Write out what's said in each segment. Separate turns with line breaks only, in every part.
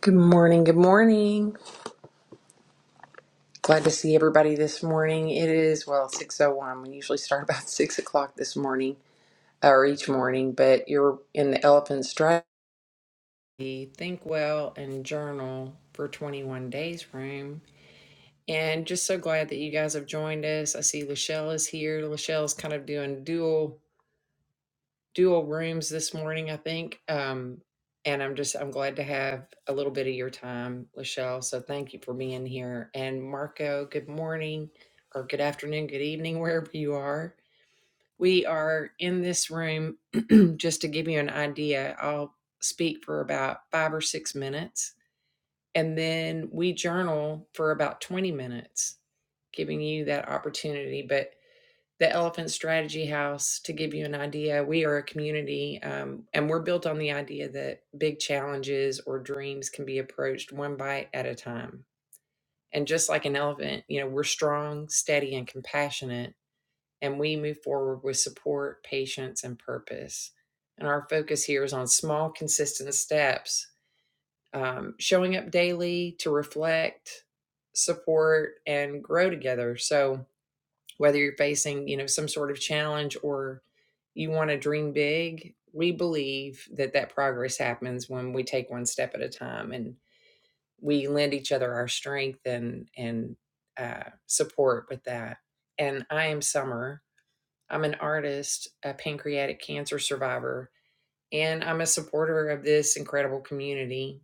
Good morning. Good morning. Glad to see everybody this morning. It is well six oh one. We usually start about six o'clock this morning or each morning, but you're in the Elephant Strategy Think Well and Journal for twenty one days room. And just so glad that you guys have joined us. I see Lachelle is here. Lachelle's kind of doing dual. dual rooms this morning, I think. Um, and I'm just I'm glad to have a little bit of your time, Lachelle. So thank you for being here. And Marco, good morning or good afternoon, good evening, wherever you are. We are in this room just to give you an idea. I'll speak for about five or six minutes, and then we journal for about 20 minutes, giving you that opportunity. But the Elephant Strategy House, to give you an idea, we are a community um, and we're built on the idea that big challenges or dreams can be approached one bite at a time. And just like an elephant, you know, we're strong, steady, and compassionate, and we move forward with support, patience, and purpose. And our focus here is on small, consistent steps, um, showing up daily to reflect, support, and grow together. So, whether you're facing you know some sort of challenge or you want to dream big we believe that that progress happens when we take one step at a time and we lend each other our strength and and uh, support with that and i am summer i'm an artist a pancreatic cancer survivor and i'm a supporter of this incredible community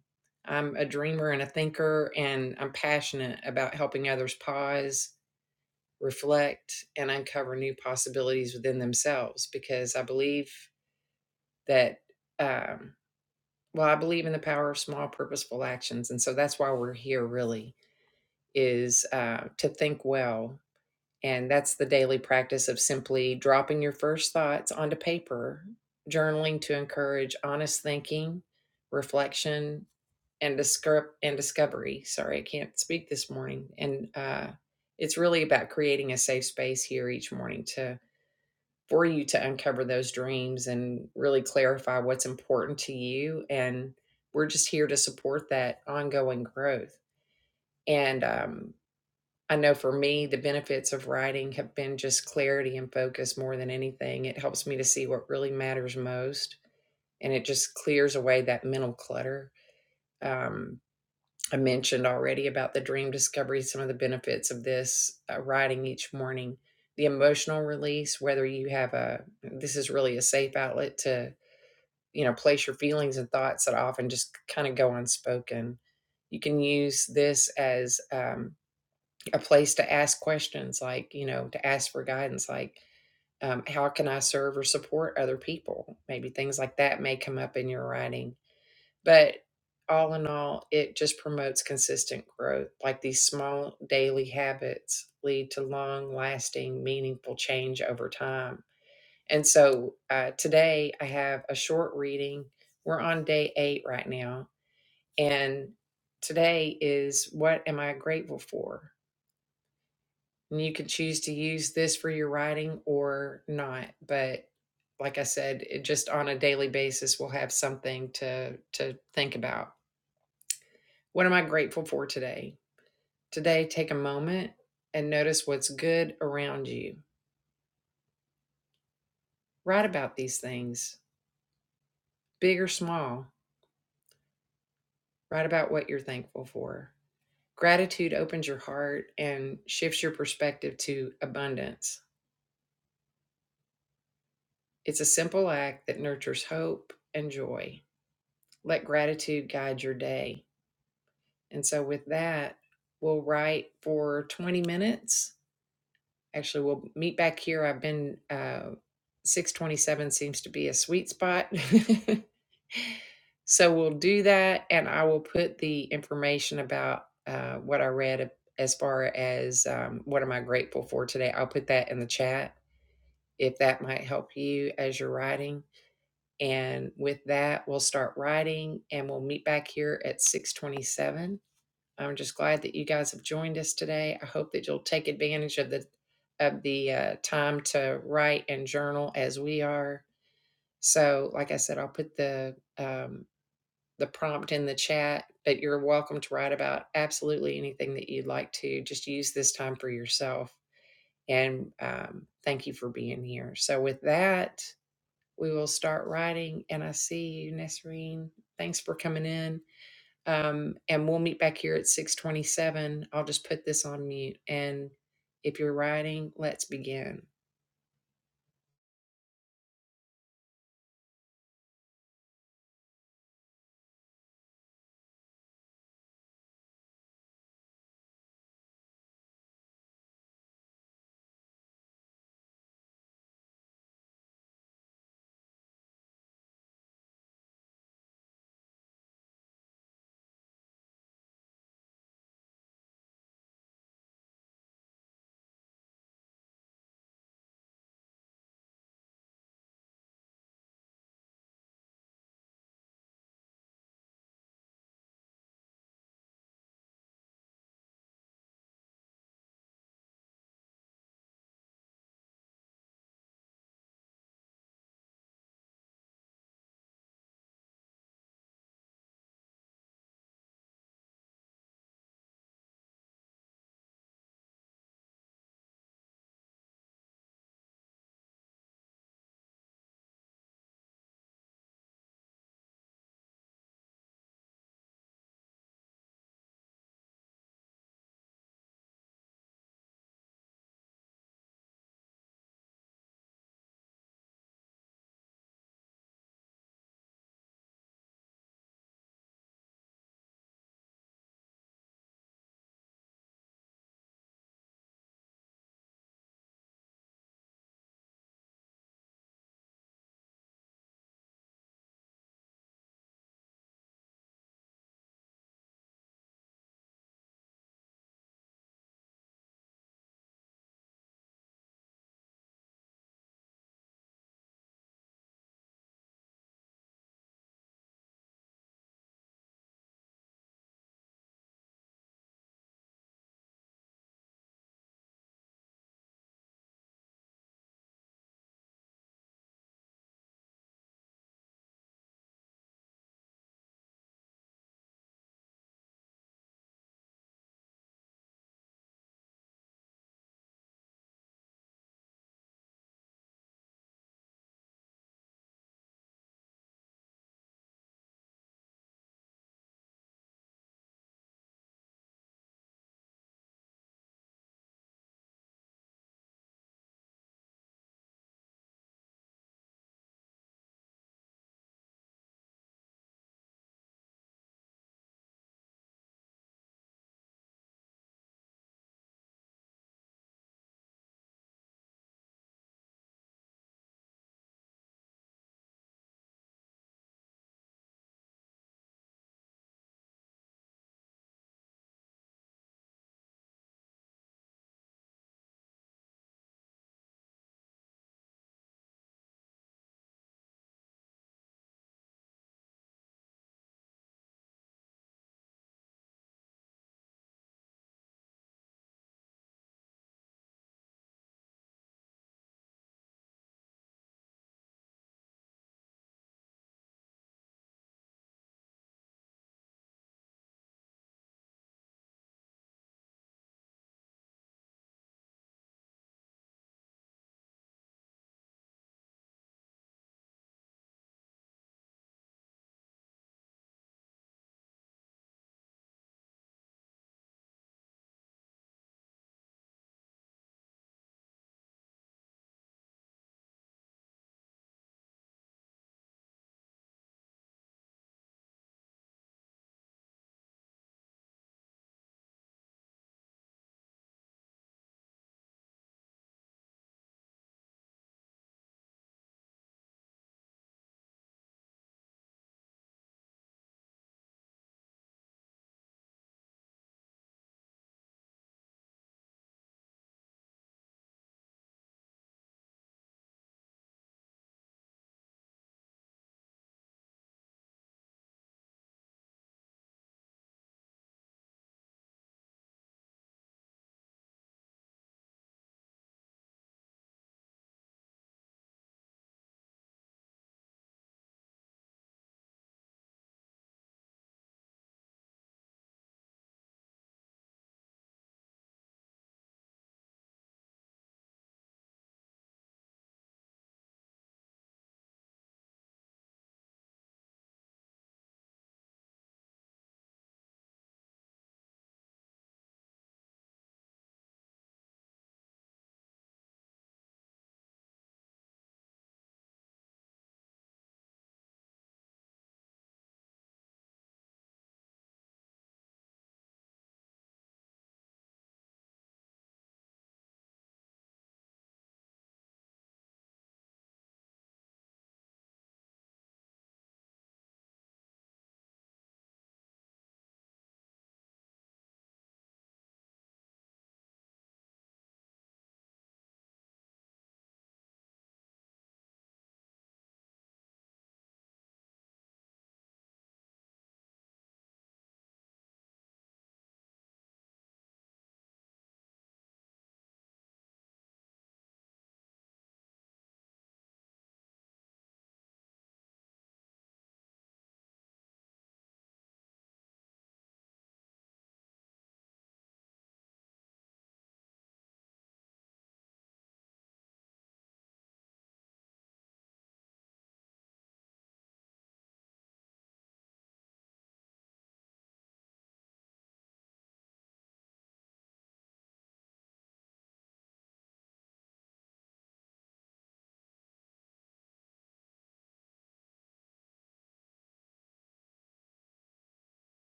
i'm a dreamer and a thinker and i'm passionate about helping others pause reflect, and uncover new possibilities within themselves because I believe that, um, well, I believe in the power of small, purposeful actions. And so that's why we're here, really, is uh, to think well. And that's the daily practice of simply dropping your first thoughts onto paper, journaling to encourage honest thinking, reflection, and discover and discovery. Sorry, I can't speak this morning. And uh, it's really about creating a safe space here each morning to. for you to uncover those dreams and really clarify what's important to you. And we're just here to support that ongoing growth. And um, I know for me, the benefits of writing have been just clarity and focus more than anything. It helps me to see what really matters most and it just clears away that mental clutter. Um, I mentioned already about the dream discovery, some of the benefits of this uh, writing each morning, the emotional release, whether you have a, this is really a safe outlet to, you know, place your feelings and thoughts that often just kind of go unspoken. You can use this as um, a place to ask questions, like, you know, to ask for guidance, like, um, how can I serve or support other people? Maybe things like that may come up in your writing but all in all, it just promotes consistent growth. Like these small daily habits lead to long lasting, meaningful change over time. And so uh, today I have a short reading. We're on day eight right now. And today is what am I grateful for? And you can choose to use this for your writing or not. But like I said, it just on a daily basis, we'll have something to to think about. What am I grateful for today? Today, take a moment and notice what's good around you. Write about these things, big or small. Write about what you're thankful for. Gratitude opens your heart and shifts your perspective to abundance. It's a simple act that nurtures hope and joy. Let gratitude guide your day. And so, with that, we'll write for 20 minutes Actually, we'll meet back here. I've been uh, six twenty-seven seems to be a sweet spot, so we'll do that, and I will put the information about uh, what I read as far as um, what am I grateful for today. I'll put that in the chat if that might help you as you're writing. And with that, we'll start writing, and we'll meet back here at six twenty-seven I'm just glad that you guys have joined us today. I hope that you'll take advantage of the of the uh, time to write and journal as we are. So, like I said, I'll put the um, the prompt in the chat, but you're welcome to write about absolutely anything that you'd like to. Just use this time for yourself. And um, thank you for being here. So, with that, we will start writing, and I see you, Nesrine. Thanks for coming in um, and we'll meet back here at 627 i'll just put this on mute and if you're writing let's begin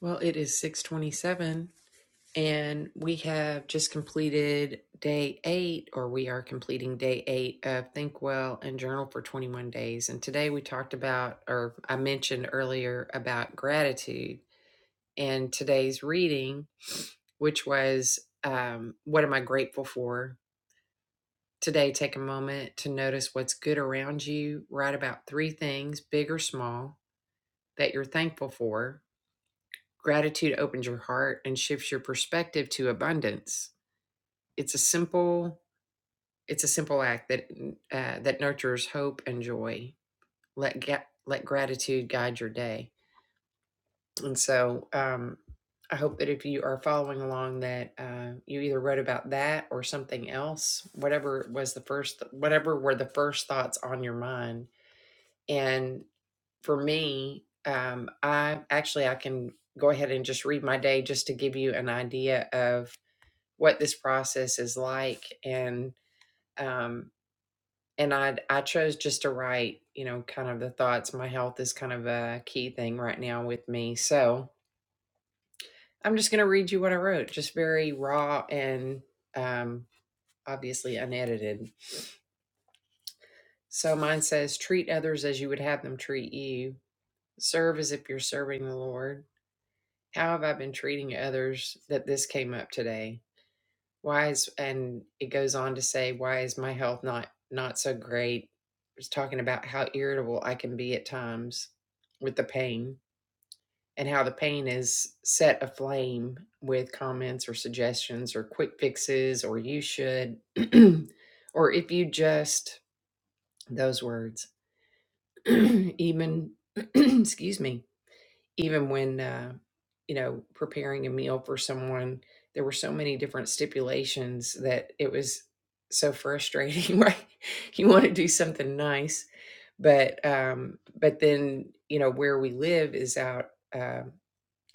well it is 627 and we have just completed day eight or we are completing day eight of think well and journal for 21 days and today we talked about or i mentioned earlier about gratitude and today's reading which was um, what am i grateful for Today, take a moment to notice what's good around you. Write about three things, big or small, that you're thankful for. Gratitude opens your heart and shifts your perspective to abundance. It's a simple, it's a simple act that uh, that nurtures hope and joy. Let ga- let gratitude guide your day. And so, um, I hope that if you are following along, that uh, you either wrote about that or something else, whatever was the first, whatever were the first thoughts on your mind And for me, um, I actually I can go ahead and just read my day just to give you an idea of what this process is like. And um, and I I chose just to write, you know, kind of the thoughts. My health is kind of a key thing right now with me, so I'm just going to read you what I wrote, just very raw and um, obviously unedited. So mine says, treat others as you would have them treat you. Serve as if you're serving the Lord. How have I been treating others that this came up today? Why is and it goes on to say, why is my health not not so great? It Was talking about how irritable I can be at times with the pain and how the pain is set aflame with comments or suggestions or quick fixes or you should or if you just those words even excuse me even when uh, you know preparing a meal for someone there were so many different stipulations that it was so frustrating right you want to do something nice but um but then you know where we live is out uh,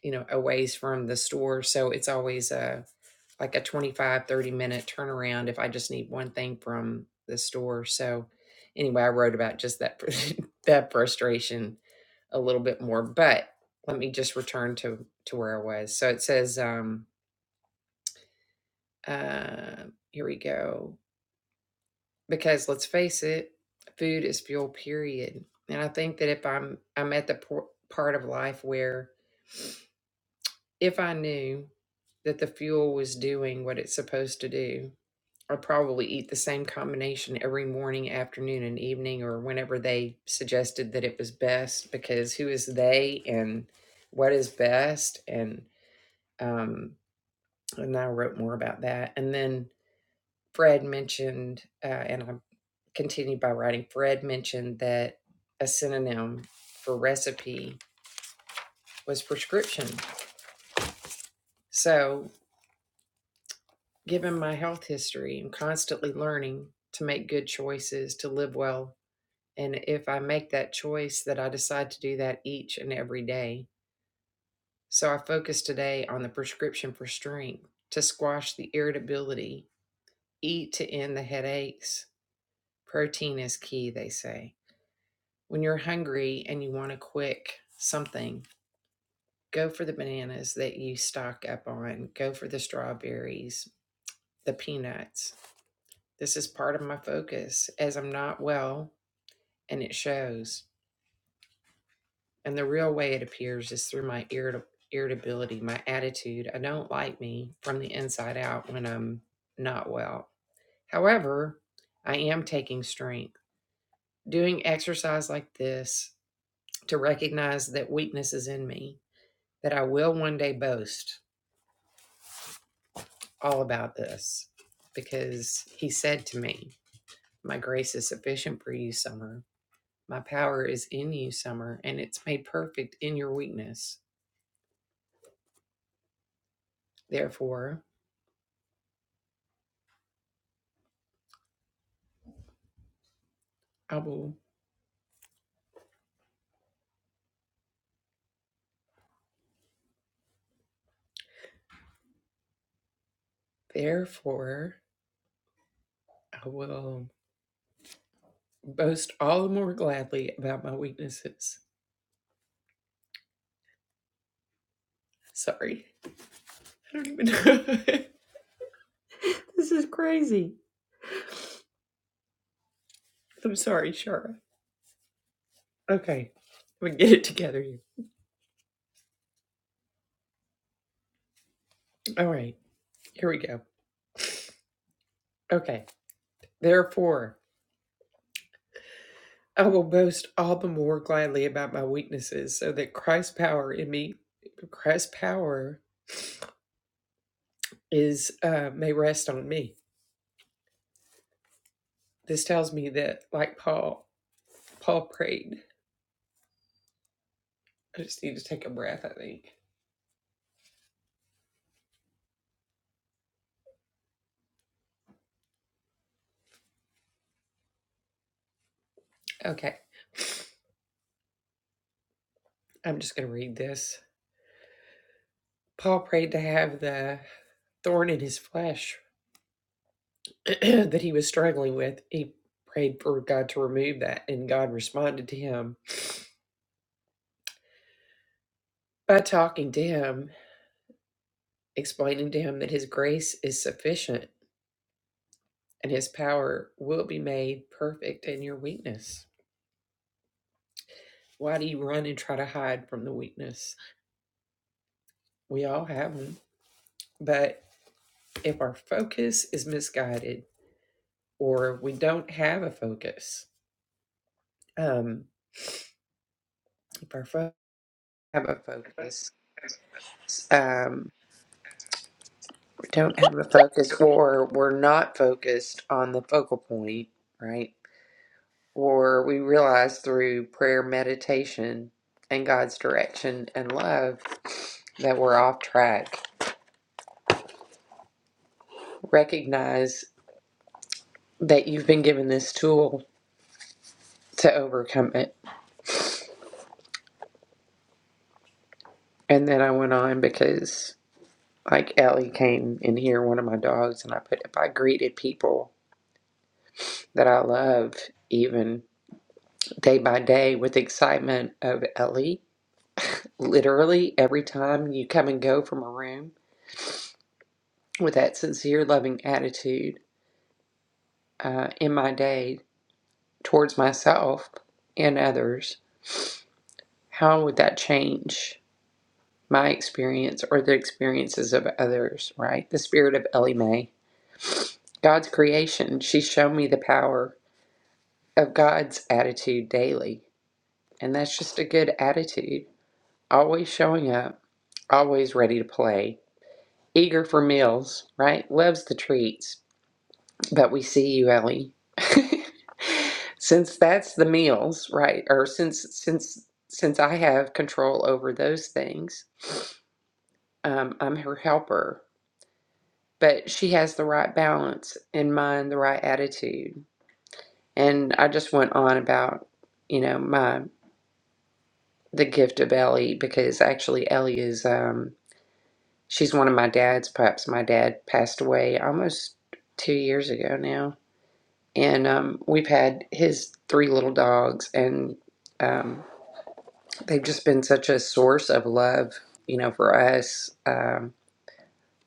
you know a ways from the store so it's always a like a 25 30 minute turnaround if i just need one thing from the store so anyway i wrote about just that that frustration a little bit more. But let me just return to to where I was. So it says, um, uh, here we go. Because let's face it, food is fuel. Period. And I think that if I'm I'm at the por- part of life where if I knew that the fuel was doing what it's supposed to do, I'd probably eat the same combination every morning, afternoon, and evening, or whenever they suggested that it was best. Because who is they and what is best and um, and I wrote more about that. And then Fred mentioned, uh, and I continued by writing, Fred mentioned that a synonym for recipe was prescription. So, given my health history, I'm constantly learning to make good choices, to live well. And if I make that choice, that I decide to do that each and every day. So, I focus today on the prescription for strength to squash the irritability, eat to end the headaches. Protein is key, they say When you're hungry and you want a quick something, go for the bananas that you stock up on, go for the strawberries, the peanuts. This is part of my focus as I'm not well and it shows. And the real way it appears is through my irrit- irritability, my attitude. I don't like me from the inside out when I'm not well. However, I am taking strength. Doing exercise like this to recognize that weakness is in me that I will one day boast all about this because he said to me, My grace is sufficient for you, Summer. My power is in you, Summer, and it's made perfect in your weakness. Therefore, I will, therefore, I will boast all the more gladly about my weaknesses. Sorry. I don't even know. this is crazy. I'm sorry, Shara. Okay. We get it together here. All right. Here we go. Okay. Therefore, I will boast all the more gladly about my weaknesses, so that Christ's power in me, Christ's power is uh, may rest on me. This tells me that, like Paul, Paul prayed. I just need to take a breath. I think. Okay, I'm just going to read this. Paul prayed to have the thorn in his flesh that he was struggling with. He prayed for God to remove that, and God responded to him by talking to him, explaining to him that His grace is sufficient and his power will be made perfect in your weakness. Why do you run and try to hide from the weakness? We all have them. But if our focus is misguided or we don't have a focus, um, if our fo- have a focus, um, we don't have a focus or we're not focused on the focal point, right? Or we realize through prayer, meditation, and God's direction and love that we're off track recognize that you've been given this tool to overcome it. And then I went on because, like, Ellie came in here, one of my dogs, and I put, if I greeted people that I love, even day by day, with excitement of Ellie, literally every time you come and go from a room with that sincere, loving attitude uh, in my day towards myself and others, how would that change? my experience or the experiences of others, right? The spirit of Ellie Mae. God's creation, she's shown me the power of God's attitude daily. And that's just a good attitude. Always showing up, always ready to play, eager for meals, right? Loves the treats. But we see you, Ellie. since that's the meals, right? Or since since since I have control over those things, um, I'm her helper but she has the right balance in mind, the right attitude. And I just went on about, you know, my the gift of Ellie because actually Ellie is um she's one of my dad's pups. My dad passed away almost two years ago now. And um we've had his three little dogs and um they've just been such a source of love, you know, for us, um,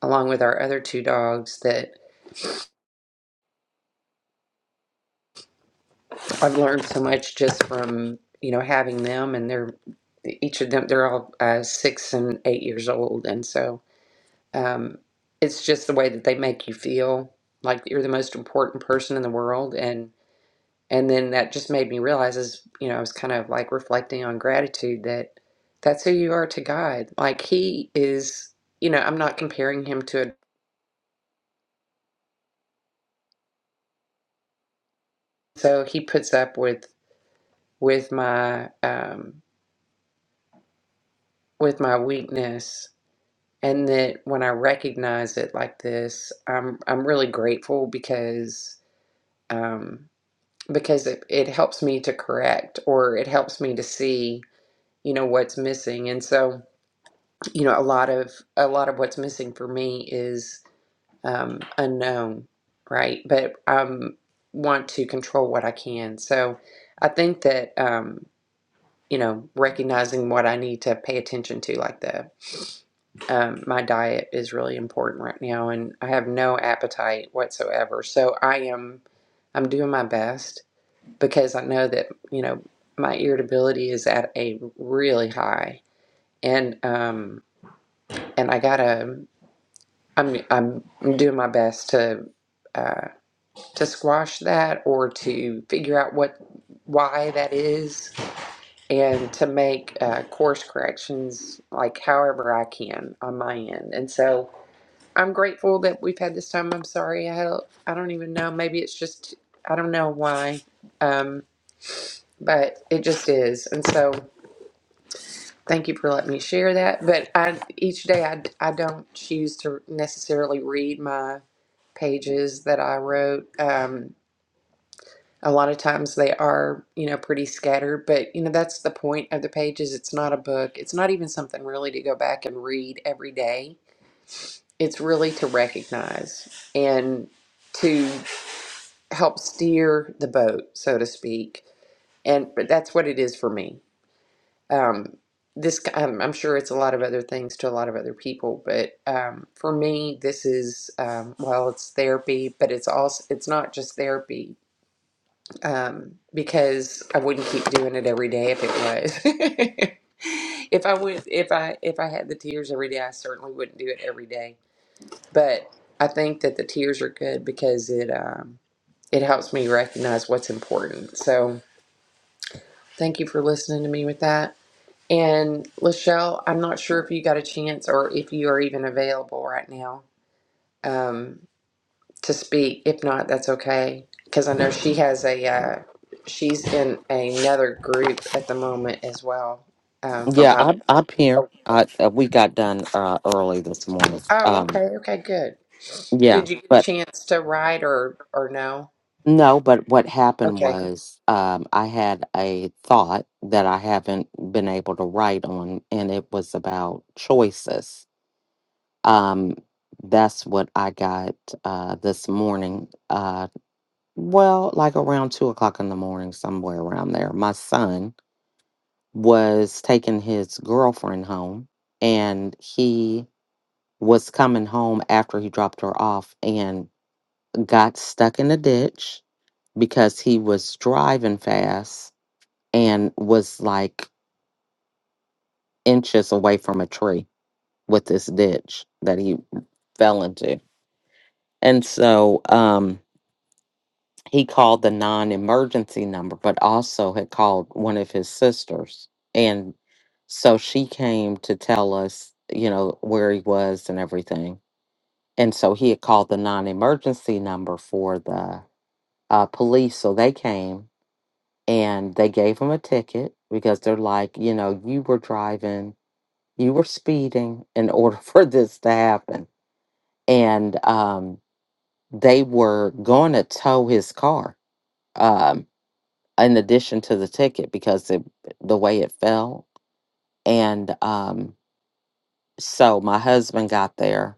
along with our other two dogs that I've learned so much just from you know having them, and they're each of them. They're all uh, six and eight years old, and so um, it's just the way that they make you feel like you're the most important person in the world, and and then that just made me realize is you know I was kind of like reflecting on gratitude that that's who you are to God. Like He is, you know, I'm not comparing Him to a so He puts up with with my um, with my weakness and that when I recognize it like this, I'm I'm really grateful because um, because it, it helps me to correct or it helps me to see you know what's missing. And so you know a lot of a lot of what's missing for me is um, unknown, right? But I um, want to control what I can. So I think that um, you know recognizing what I need to pay attention to, like the um, my diet is really important right now and i have no appetite whatsoever so i am i'm doing my best because i know that you know my irritability is at a really high and um and i gotta i'm i'm doing my best to uh to squash that or to figure out what why that is and to make uh, course corrections like however i can on my end and so I'm grateful that we've had this time. I'm sorry. I had a, I don't even know. Maybe it's just I don't know why. Um, but it just is. And so thank you for letting me share that. But I each day I I don't choose to necessarily read my pages that I wrote. Um, a lot of times they are, you know, pretty scattered, but you know, that's the point of the pages. It's not a book. It's not even something really to go back and read every day. It's really to recognize and to help steer the boat, so to speak. And but that's what it is for me. Um, this I'm, I'm sure it's a lot of other things to a lot of other people, but um, for me, this is um, well, it's therapy, but it's also it's not just therapy um, because I wouldn't keep doing it every day if it was. if I would, if I if I had the tears every day, I certainly wouldn't do it every day. But I think that the tears are good because it. um, it helps me recognize what's important. So thank you for listening to me with that. And Lachelle, I'm not sure if you got a chance or if you are even available right now um, to speak. If not, that's okay because I know she has a uh, she's in another group at the moment as well um, for
Yeah,
Bible.
I'm I'm here.
Oh,
I, uh, we got done uh, early this morning.
oh,
Um,
okay, okay, good.
yeah,
Did you get a
but
chance to write or or no?
no, but what happened
Okay.
was um, I had a thought that I haven't been able to write on, and it was about choices. Um, that's what I got uh, this morning. Uh, well, like around two o'clock in the morning, somewhere around there. My son was taking his girlfriend home, and he was coming home after he dropped her off and got stuck in a ditch because he was driving fast and was like inches away from a tree with this ditch that he fell into. And so um, he called the non emergency number, but also had called one of his sisters. And so she came to tell us, you know, where he was and everything. And so he had called the non emergency number for the uh, police. So they came and they gave him a ticket because they're like, you know, you were driving, you were speeding in order for this to happen. And um, they were going to tow his car um, in addition to the ticket because it, the way it fell. And um, so my husband got there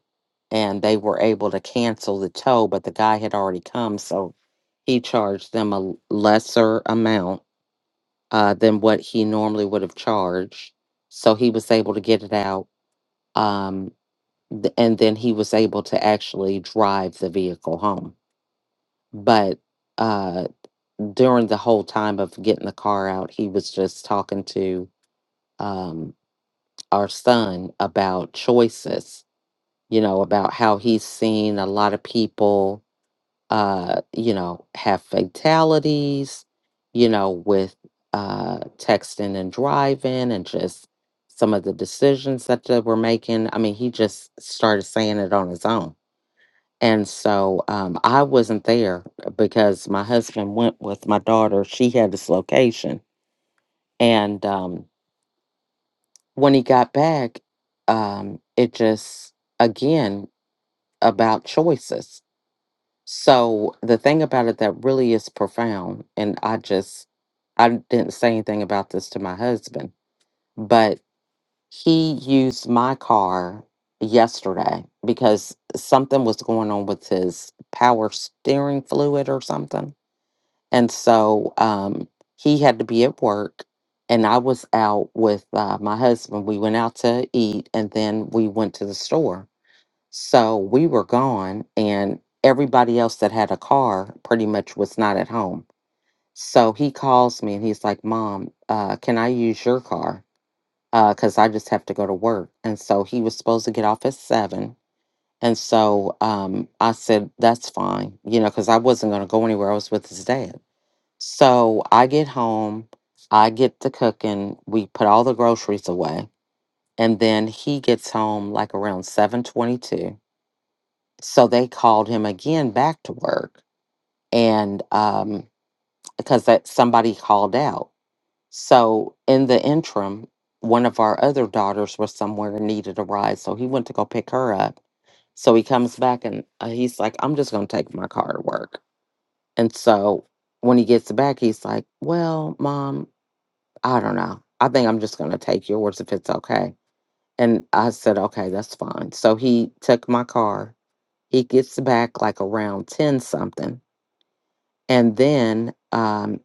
and they were able to cancel the tow, but the guy had already come. So he charged them a lesser amount uh, than what he normally would have charged. So he was able to get it out. Um, th- and then he was able to actually drive the vehicle home. But uh, during the whole time of getting the car out, he was just talking to um, our son about choices, you know, about how he's seen a lot of people uh, you know, have fatalities, you know, with uh, texting and driving and just some of the decisions that they were making. I mean, he just started saying it on his own. And so um, I wasn't there because my husband went with my daughter. She had dislocation. And um, when he got back, um, it just, again, about choices So the thing about it that really is profound, and I just I didn't say anything about this to my husband, but he used my car yesterday because something was going on with his power steering fluid or something. And so um he had to be at work and I was out with uh, my husband. We went out to eat and then we went to the store so we were gone, and everybody else that had a car pretty much was not at home. So he calls me and he's like, Mom, uh, can I use your car? Because I just have to go to work. And so he was supposed to get off at seven. And so um, I said, That's fine, you know, because I wasn't going to go anywhere. I was with his dad. So I get home, I get to cooking, we put all the groceries away. And then he gets home like around 722 so they called him again back to work, and um, because that somebody called out. So in the interim, one of our other daughters was somewhere and needed a ride, so he went to go pick her up. So he comes back and uh, he's like, I'm just going to take my car to work. And so when he gets back, he's like, Well, mom, I don't know. I think I'm just going to take yours if it's okay. And I said, Okay, that's fine. So he took my car he gets back like around 10 something. And then um,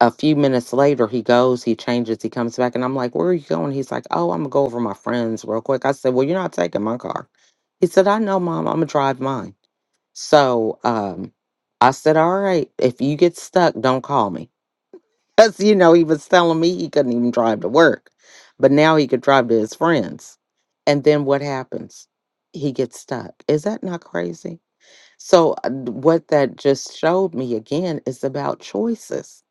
a few minutes later, he goes, he changes, he comes back. And I'm like, Where are you going? He's like, Oh, I'm going to go over my friends real quick. I said, Well, you're not taking my car. He said, I know, mom, I'm going to drive mine. So um, I said, All right, if you get stuck, don't call me. Because, you know, he was telling me he couldn't even drive to work, but now he could drive to his friends. And then what happens? He gets stuck. Is that not crazy? So, uh, d- what that just showed me again is about choices,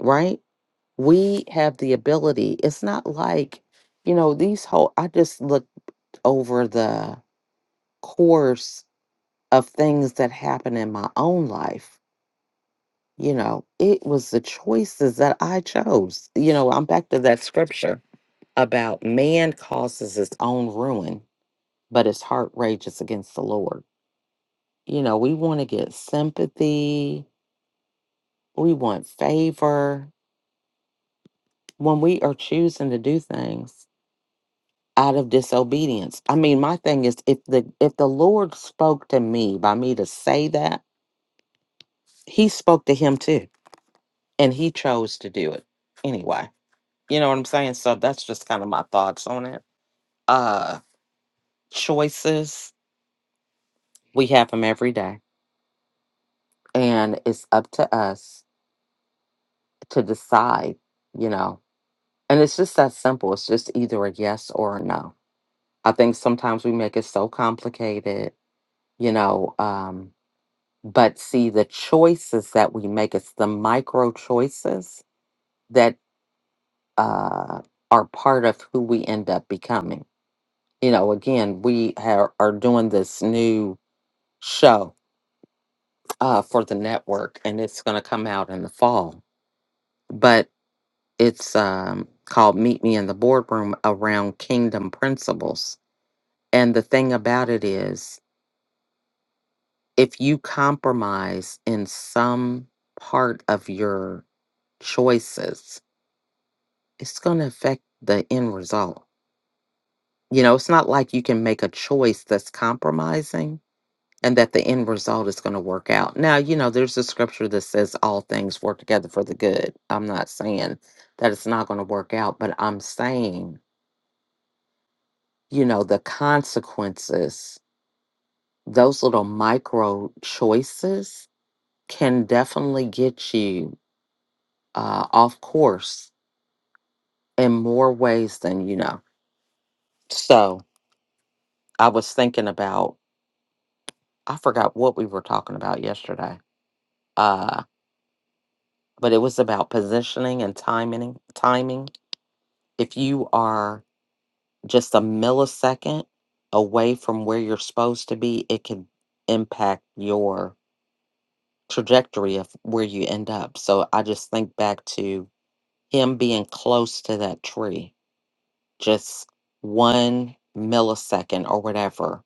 right? We have the ability. It's not like, you know, these whole, I just looked over the course of things that happen in my own life. You know, it was the choices that I chose. You know, I'm back to that scripture about man causes his own ruin, but his heart rages against the Lord. You know, we want to get sympathy, we want favor, when we are choosing to do things out of disobedience. I mean, my thing is if the if the Lord spoke to me by me to say that, he spoke to him too. And he chose to do it anyway. You know what I'm saying? So that's just kind of my thoughts on it. Uh choices, we have them every day. And it's up to us to decide, you know. And it's just that simple. It's just either a yes or a no. I think sometimes we make it so complicated, you know, um But see, the choices that we make, it's the micro choices that uh, are part of who we end up becoming. You know, again, we ha- are doing this new show uh, for the network, and it's going to come out in the fall. But it's um, called Meet Me in the Boardroom around Kingdom Principles. And the thing about it is, if you compromise in some part of your choices, it's going to affect the end result. You know, it's not like you can make a choice that's compromising and that the end result is going to work out. Now, you know, there's a scripture that says all things work together for the good. I'm not saying that it's not going to work out, but I'm saying, you know, the consequences, those little micro choices can definitely get you uh, off course in more ways than you know. So I was thinking about I forgot what we were talking about yesterday. Uh, but it was about positioning and timing. Timing. If you are just a millisecond away from where you're supposed to be, it can impact your trajectory of where you end up. So I just think back to him being close to that tree, just one millisecond or whatever.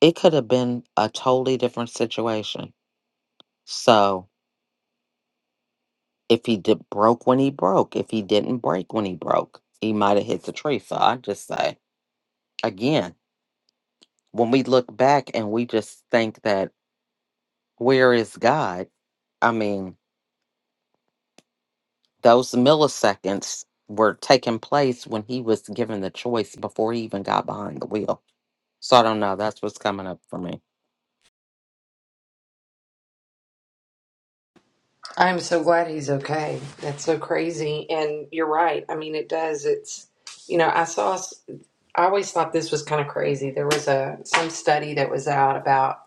It could have been a totally different situation. So If he did, broke when he broke, if he didn't break when he broke, he might have hit the tree. So I just say, again, when we look back and we just think that where is God? I mean, those milliseconds were taking place when he was given the choice before he even got behind the wheel. So I don't know. That's what's coming up for me.
I'm so glad he's okay. That's so crazy. And you're right. I mean, it does. It's, you know, I saw, I always thought this was kind of crazy. There was a, some study that was out about,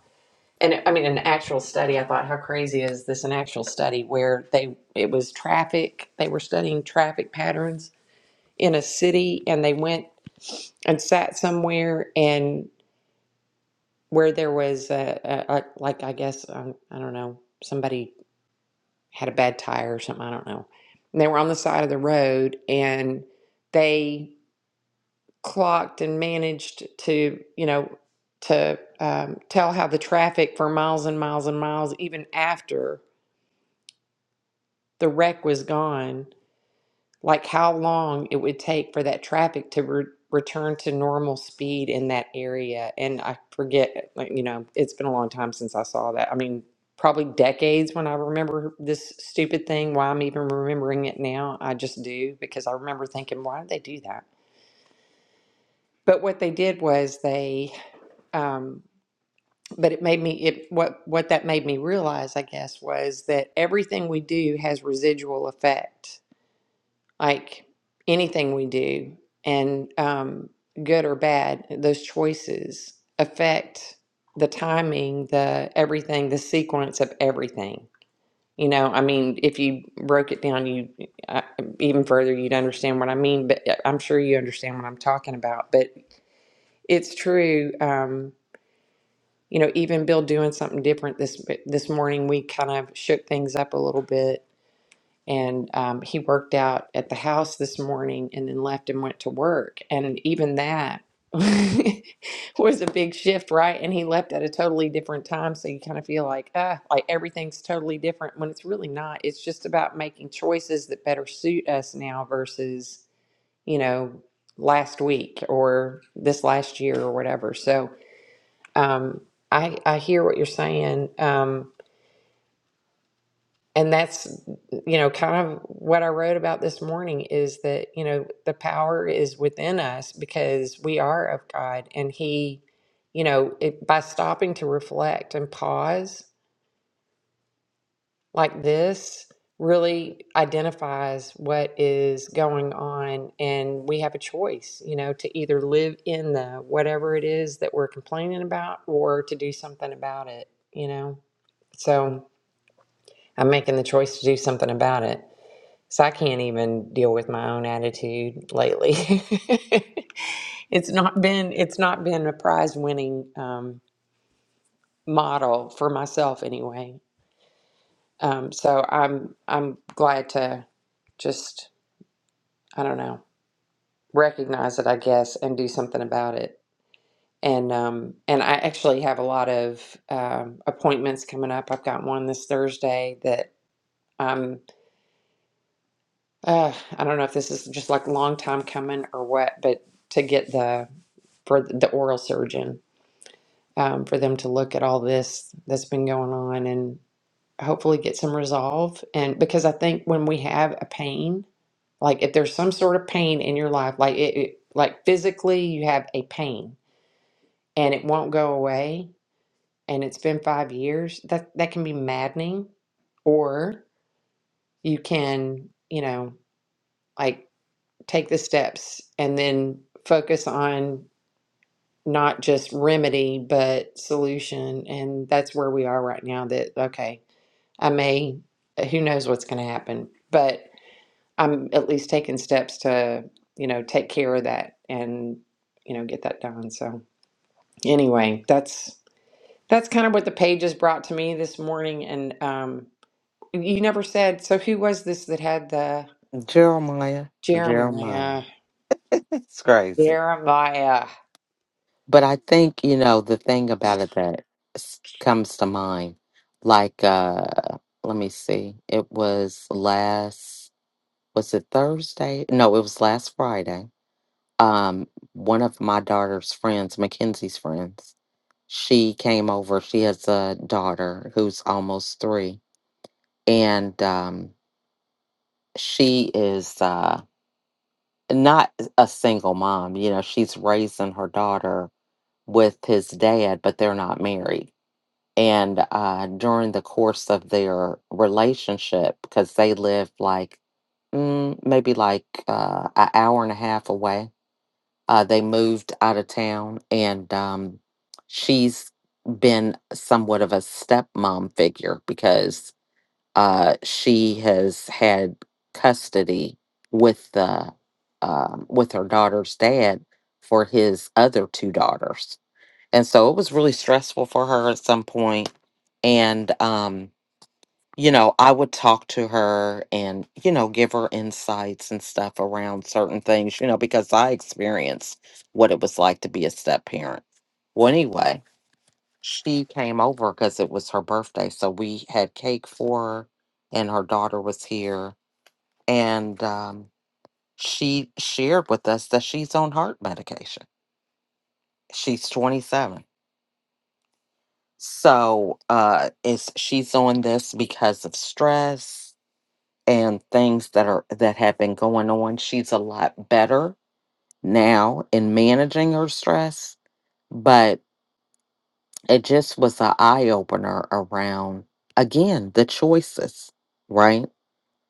and I mean, an actual study. I thought, how crazy is this? An actual study where they, it was traffic. They were studying traffic patterns in a city and they went and sat somewhere and where there was a, a, a like I guess um, I don't know somebody had a bad tire or something, I don't know. And they were on the side of the road and they clocked and managed to, you know, to um, tell how the traffic for miles and miles and miles, even after the wreck was gone, like how long it would take for that traffic to re- return to normal speed in that area. And I forget, like, you know, it's been a long time since I saw that. I mean, probably decades when I remember this stupid thing, why I'm even remembering it now. I just do because I remember thinking, why did they do that? But what they did was they, um, but it made me it what what that made me realize i guess was that everything we do has residual effect like anything we do and um, good or bad those choices affect the timing the everything the sequence of everything you know i mean if you broke it down you uh, even further you'd understand what i mean but uh, i'm sure you understand what i'm talking about but it's true um, you know even bill doing something different this this morning we kind of shook things up a little bit and um, he worked out at the house this morning and then left and went to work and even that was a big shift right and he left at a totally different time so you kind of feel like ah like everything's totally different when it's really not it's just about making choices that better suit us now versus you know last week or this last year or whatever so um i i hear what you're saying um and that's you know kind of what i wrote about this morning is that you know the power is within us because we are of god and he you know it, by stopping to reflect and pause like this really identifies what is going on and we have a choice you know to either live in the whatever it is that we're complaining about or to do something about it you know so i'm making the choice to do something about it So I can't even deal with my own attitude lately. it's not been it's not been a prize winning um, model for myself anyway. Um, so I'm I'm glad to just I don't know recognize it I guess and do something about it. And um, and I actually have a lot of um, appointments coming up. I've got one this Thursday that I'm uh, I don't know if this is just like long time coming or what, but to get the for the oral surgeon um, for them to look at all this that's been going on and hopefully get some resolve and because i think when we have a pain like if there's some sort of pain in your life like it, it like physically you have a pain and it won't go away and it's been five years that that can be maddening or you can you know like take the steps and then focus on not just remedy but solution and that's where we are right now that okay i may uh, who knows what's going to happen but i'm at least taking steps to you know take care of that and you know get that done so anyway that's that's kind of what the pages brought to me this morning and um you never said so who was this that had the
Jeremiah, Jeremiah.
jeremiah
It's crazy.
jeremiah
But I think, you know, the thing about it that s- comes to mind, like, uh, let me see, it was last, was it Thursday? No, it was last Friday. Um, one of my daughter's friends, Mackenzie's friends, she came over. She has a daughter who's almost three, and um, she is uh, not a single mom. You know, she's raising her daughter with his dad, but they're not married and uh, during the course of their relationship, because they lived like mm, maybe like uh, an hour and a half away, uh, they moved out of town, and um, she's been somewhat of a stepmom figure because uh, she has had custody with the um with her daughter's dad for his other two daughters and so it was really stressful for her at some point. And, um, you know, I would talk to her and, you know, give her insights and stuff around certain things, you know, because I experienced what it was like to be a step parent. Well, anyway, she came over because it was her birthday. So we had cake for her and her daughter was here. And um, she shared with us that she's on heart medication. She's 27 So uh it's she's on this because of stress and things that are that have been going on. She's a lot better now in managing her stress, but it just was an eye opener around again the choices, right?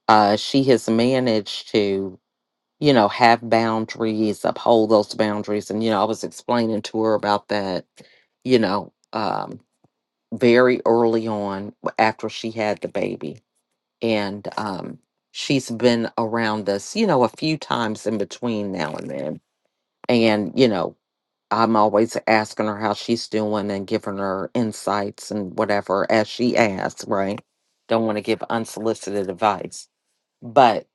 Uh she has managed to, you know, have boundaries, uphold those boundaries. And, you know, I was explaining to her about that, you know. um. very early on after she had the baby. And um, she's been around us, you know, a few times in between now and then. And, you know, I'm always asking her how she's doing and giving her insights and whatever as she asks, right? Don't want to give unsolicited advice. But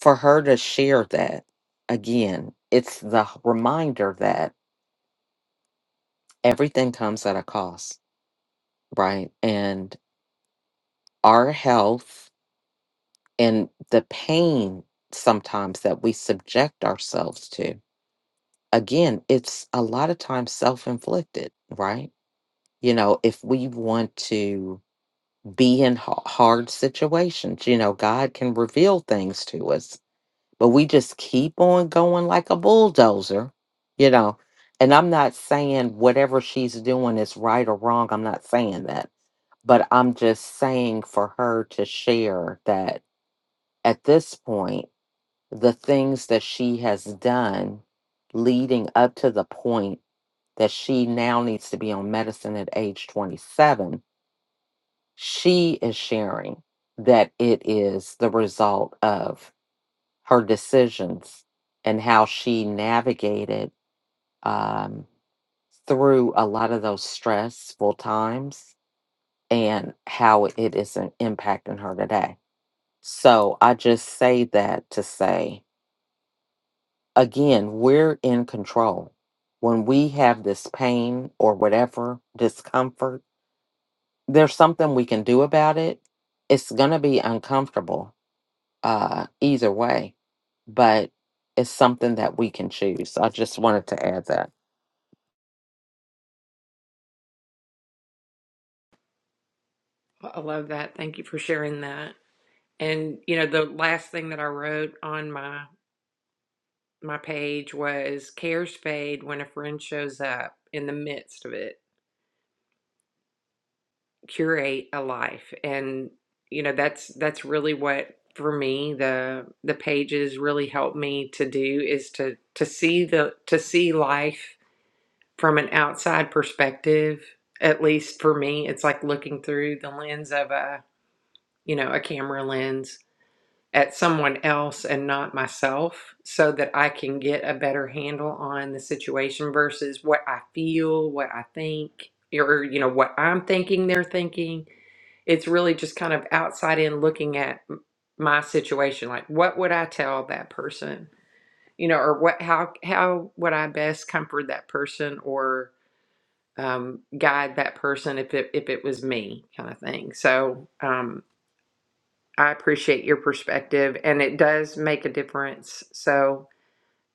for her to share that again, it's the h- reminder that everything comes at a cost, right? And our health and the pain sometimes that we subject ourselves to again it's a lot of times self-inflicted right you know if we want to be in ha- hard situations you know god can reveal things to us but we just keep on going like a bulldozer you know and i'm not saying whatever she's doing is right or wrong i'm not saying that but i'm just saying for her to share that at this point the things that she has done leading up to the point that she now needs to be on medicine at age 27, she is sharing that it is the result of her decisions and how she navigated um, through a lot of those stressful times and how it is an- impacting her today. So I just say that to say again, we're in control. When we have this pain or whatever discomfort, there's something we can do about it. It's going to be uncomfortable, uh, either way, but it's something that we can choose. I just wanted to add that.
i love that thank you for sharing that And you know, the last thing that I wrote on my my page was cares fade when a friend shows up in the midst of it. Curate a life. And you know, that's that's really what for me the the pages really help me to do is to to see the to see life from an outside perspective. At least for me, it's like looking through the lens of a, you know, a camera lens at someone else and not myself so that I can get a better handle on the situation versus what I feel, what I think, or you know what I'm thinking they're thinking. It's really just kind of outside in looking at m- my situation like what would I tell that person? You know, or what how how would I best comfort that person or um, guide that person if it if it was me kind of thing. So, um I appreciate your perspective, and it does make a difference. So,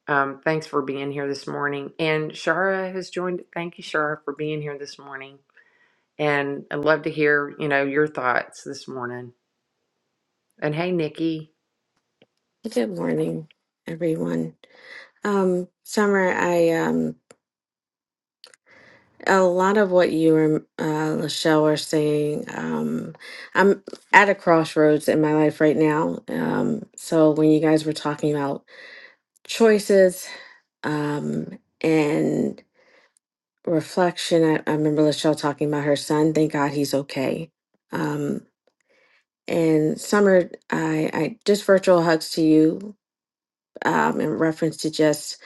um, thanks for being here this morning. And Shara has joined. Thank you, Shara, for being here this morning. And I'd love to hear, you know, your thoughts this morning. And hey, Nikki.
Good morning, everyone. Um, Summer, I um, a lot of what you and uh, Lachelle were saying. Um, I'm at a crossroads in my life right now. Um, so when you guys were talking about choices um, and reflection, I, I remember Lachelle talking about her son. Thank God he's okay. Um, and Summer, I, I just virtual hugs to you um, in reference to just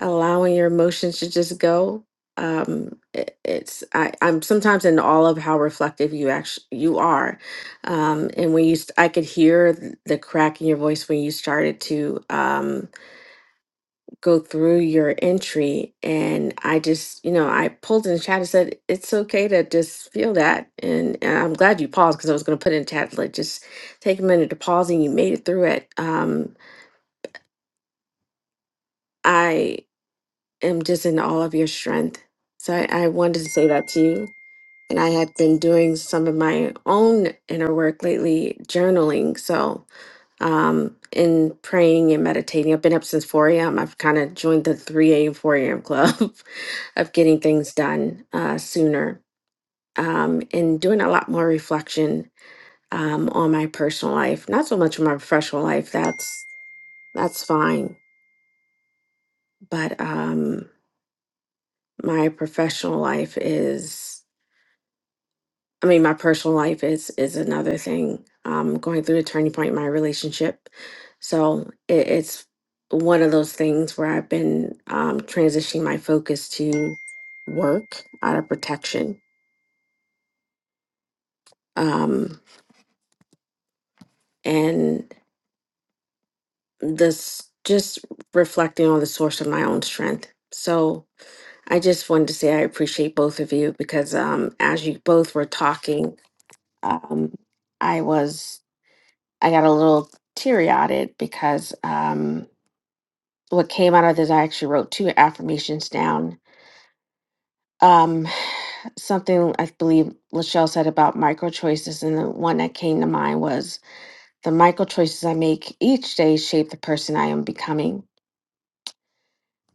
allowing your emotions to just go um it, it's i i'm sometimes in awe of how reflective you actually you are um and when you st- i could hear th- the crack in your voice when you started to um go through your entry and i just you know i pulled in the chat and said it's okay to just feel that and, and i'm glad you paused because i was going to put in chat like just take a minute to pause and you made it through it um I am just in all of your strength. So I, I wanted to say that to you. And I had been doing some of my own inner work lately, journaling. So, um, in praying and meditating, I've been up since 4 a.m. I've kind of joined the 3 a.m., 4 a.m. club of getting things done uh, sooner um, and doing a lot more reflection um, on my personal life. Not so much on my professional life. That's that's fine. But um, my professional life is I mean, my personal life is is another thing. Um, going through the turning point in my relationship, so it, it's one of those things where I've been um, transitioning my focus to work out of protection, um, and this just reflecting on the source of my own strength. So I just wanted to say I appreciate both of you because um, as you both were talking, um, I was I got a little teary eyed because um, what came out of this, I actually wrote two affirmations down. Um, something I believe Lachelle said about micro choices, and the one that came to mind was the micro choices I make each day shape the person I am becoming.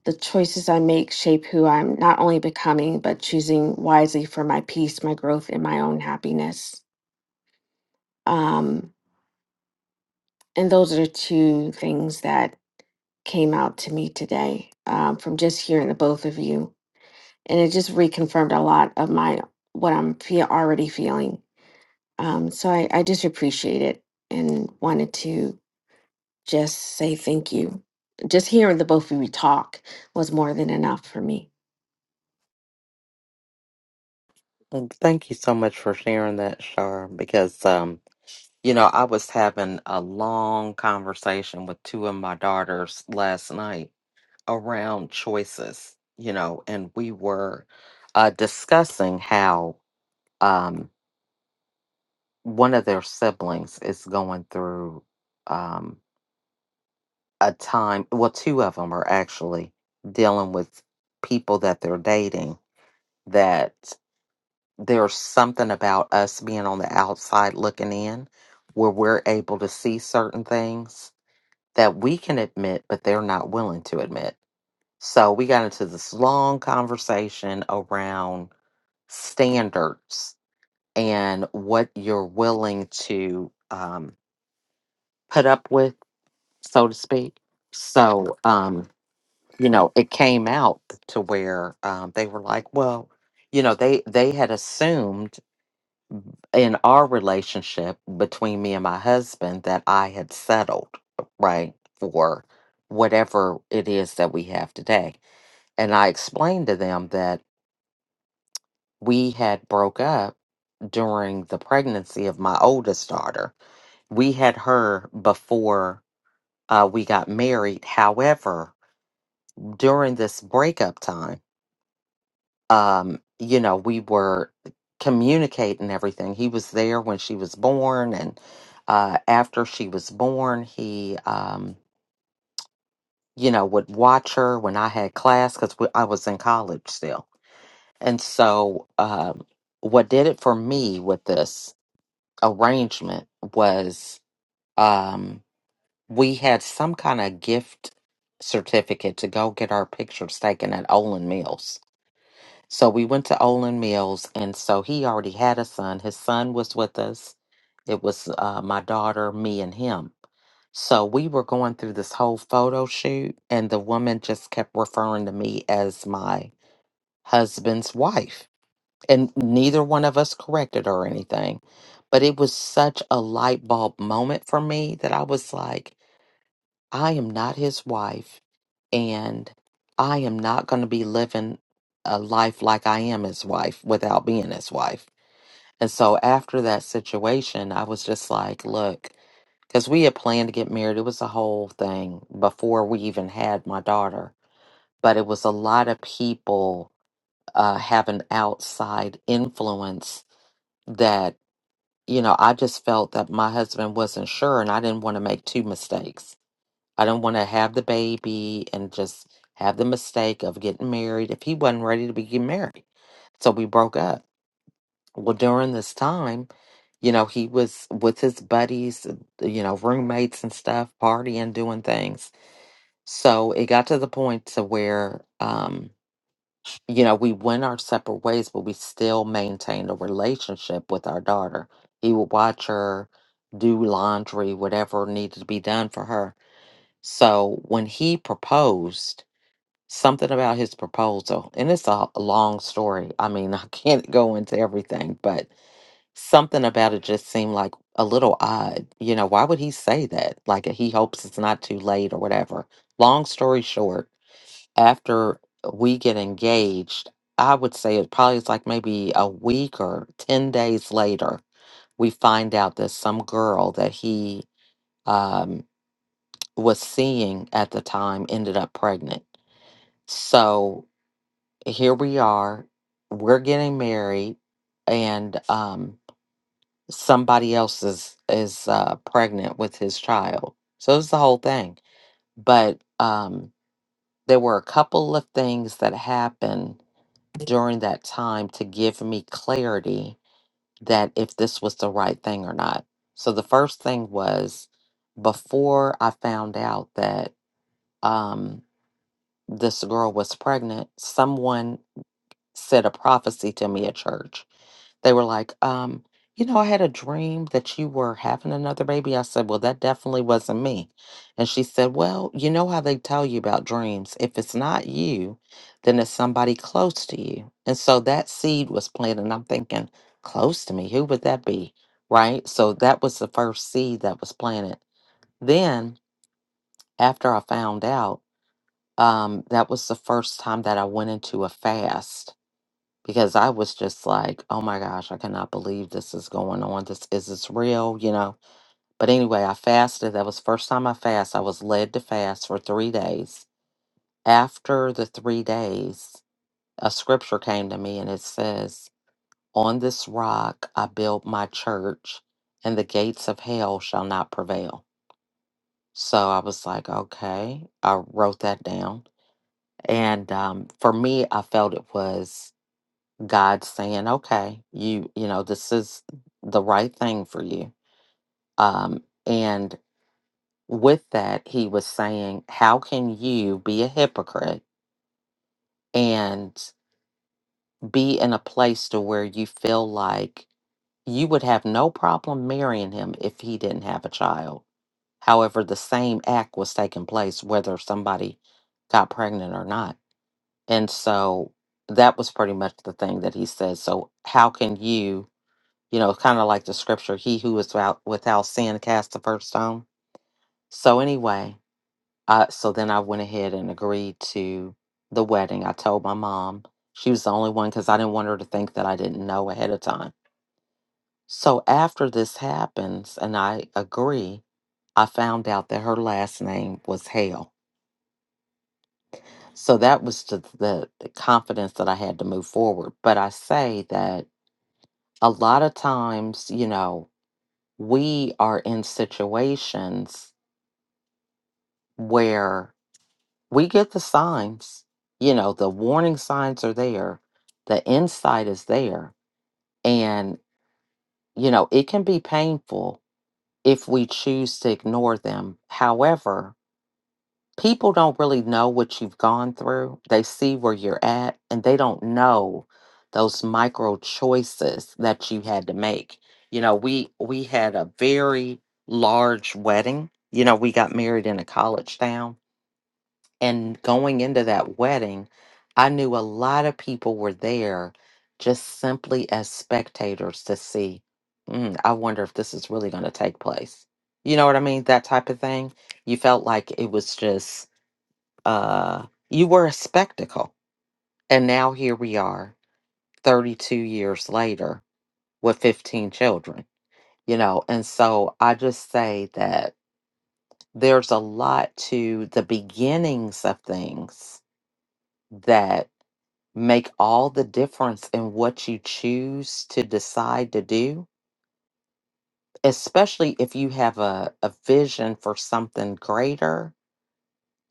The choices I make shape who I'm not only becoming, but choosing wisely for my peace, my growth, and my own happiness. Um, and those are two things that came out to me today um, from just hearing the both of you, and it just reconfirmed a lot of my what I'm fe- already feeling. Um, so I, I just appreciate it and wanted to just say thank you. Just hearing the both of you talk was more than enough for me.
And thank you so much for sharing that, Shar, because, um, you know, I was having a long conversation with two of my daughters last night around choices, you know, and we were uh, discussing how um, one of their siblings is going through um, a time, well, two of them are actually dealing with people that they're dating that there's something about us being on the outside looking in where we're able to see certain things that we can admit, but they're not willing to admit. So we got into this long conversation around standards and what you're willing to um, put up with, so to speak. So, um, you know, it came out to where um, they were like, well, you know, they they had assumed in our relationship between me and my husband that I had settled right for whatever it is that we have today. And I explained to them that we had broke up during the pregnancy of my oldest daughter we had her before uh, we got married. However, during this breakup time, um, you know, we were communicating everything. He was there when she was born, and uh, after she was born, he, um, you know, would watch her when I had class because I was in college still. And so, um, what did it for me with this arrangement was. Um, we had some kind of gift certificate to go get our pictures taken at Olin Mills. So we went to Olin Mills, and so he already had a son. His son was with us. It was uh, my daughter, me, and him. So we were going through this whole photo shoot, and the woman just kept referring to me as my husband's wife. And neither one of us corrected her or anything. But it was such a light bulb moment for me that I was like, I am not his wife, and I am not going to be living a life like I am his wife without being his wife. And so after that situation, I was just like, look, because we had planned to get married. It was a whole thing before we even had my daughter, but it was a lot of people uh, having outside influence that, you know, I just felt that my husband wasn't sure and I didn't want to make two mistakes. I don't want to have the baby and just have the mistake of getting married if he wasn't ready to be getting married. So we broke up. Well, during this time, you know, he was with his buddies, you know, roommates and stuff, partying, doing things. So it got to the point to where, um, you know, we went our separate ways, but we still maintained a relationship with our daughter. He would watch her do laundry, whatever needed to be done for her so when he proposed, something about his proposal, and it's a long story. I mean, I can't go into everything, but something about it just seemed like a little odd. You know, why would he say that? Like uh, he hopes it's not too late or whatever. Long story short, after we get engaged, I would say it probably is like maybe a week or 10 days later, we find out that some girl that he um was seeing at the time ended up pregnant. So here we are, we're getting married, and um, somebody else is is uh, pregnant with his child. So it's the whole thing. But um, there were a couple of things that happened during that time to give me clarity that if this was the right thing or not. So the first thing was before I found out that. Um, this girl was pregnant, someone said a prophecy to me at church. They were like, um, you know, I had a dream that you were having another baby. I said, well, that definitely wasn't me. And she said, well, you know how they tell you about dreams. If it's not you, then it's somebody close to you. And so that seed was planted. And I'm thinking, close to me, who would that be? Right. So that was the first seed that was planted. Then after I found out, um, that was the first time that I went into a fast because I was just like, oh my gosh, I cannot believe this is going on. This is this real, you know? But anyway, I fasted. That was the first time I fast. I was led to fast for three days. After the three days, a scripture came to me and it says, On this rock I built my church, and the gates of hell shall not prevail. So I was like, okay. I wrote that down and um, for me i felt it was god saying okay you you know this is the right thing for you um, and with that he was saying how can you be a hypocrite and be in a place to where you feel like you would have no problem marrying him if he didn't have a child however the same act was taking place whether somebody got pregnant or not And so that was pretty much the thing that he said. So how can you, you know, kind of like the scripture, he who is without, without sin cast the first stone. So anyway, uh, so then I went ahead and agreed to the wedding. I told my mom. She was the only one because I didn't want her to think that I didn't know ahead of time. So after this happens and I agree, I found out that her last name was Hale. So that was the, the the confidence that I had to move forward. But I say that a lot of times, you know, we are in situations where we get the signs, you know, the warning signs are there, the insight is there. And, you know, it can be painful if we choose to ignore them. However, people don't really know what you've gone through. They see where you're at and they don't know those micro choices that you had to make. You know, we we had a very large wedding. You know, we got married in a college town and going into that wedding, I knew a lot of people were there just simply as spectators to see, mm, I wonder if this is really going to take place. You know what I mean? That type of thing. You felt like it was just uh, you were a spectacle. And now here we are, 32 years later, with 15 children, you know. And so I just say that there's a lot to the beginnings of things that make all the difference in what you choose to decide to do, especially if you have a, a vision for something greater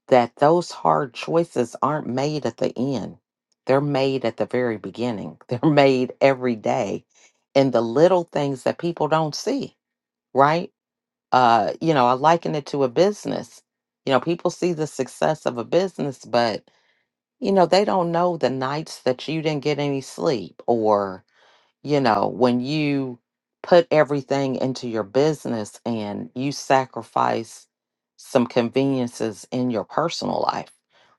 that those hard choices aren't made at the end. They're made at the very beginning. They're made every day in the little things that people don't see, right? Uh, you know, I liken it to a business. You know, people see the success of a business, but you know, they don't know the nights that you didn't get any sleep or you know, when you put everything into your business and you sacrifice some conveniences in your personal life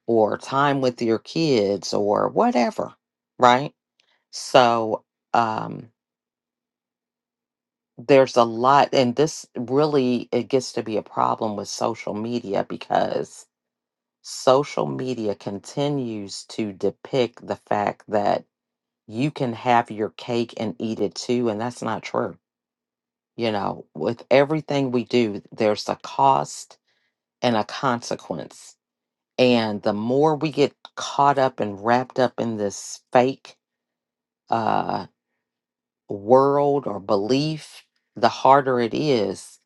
or time with your kids or whatever, right? So, um, there's a lot, and this really it gets to be a problem with social media because social media continues to depict the fact that you can have your cake and eat it too, and that's not true You know, with everything we do, there's a cost and a consequence. And the more we get caught up and wrapped up in this fake uh, world or belief, the harder it is.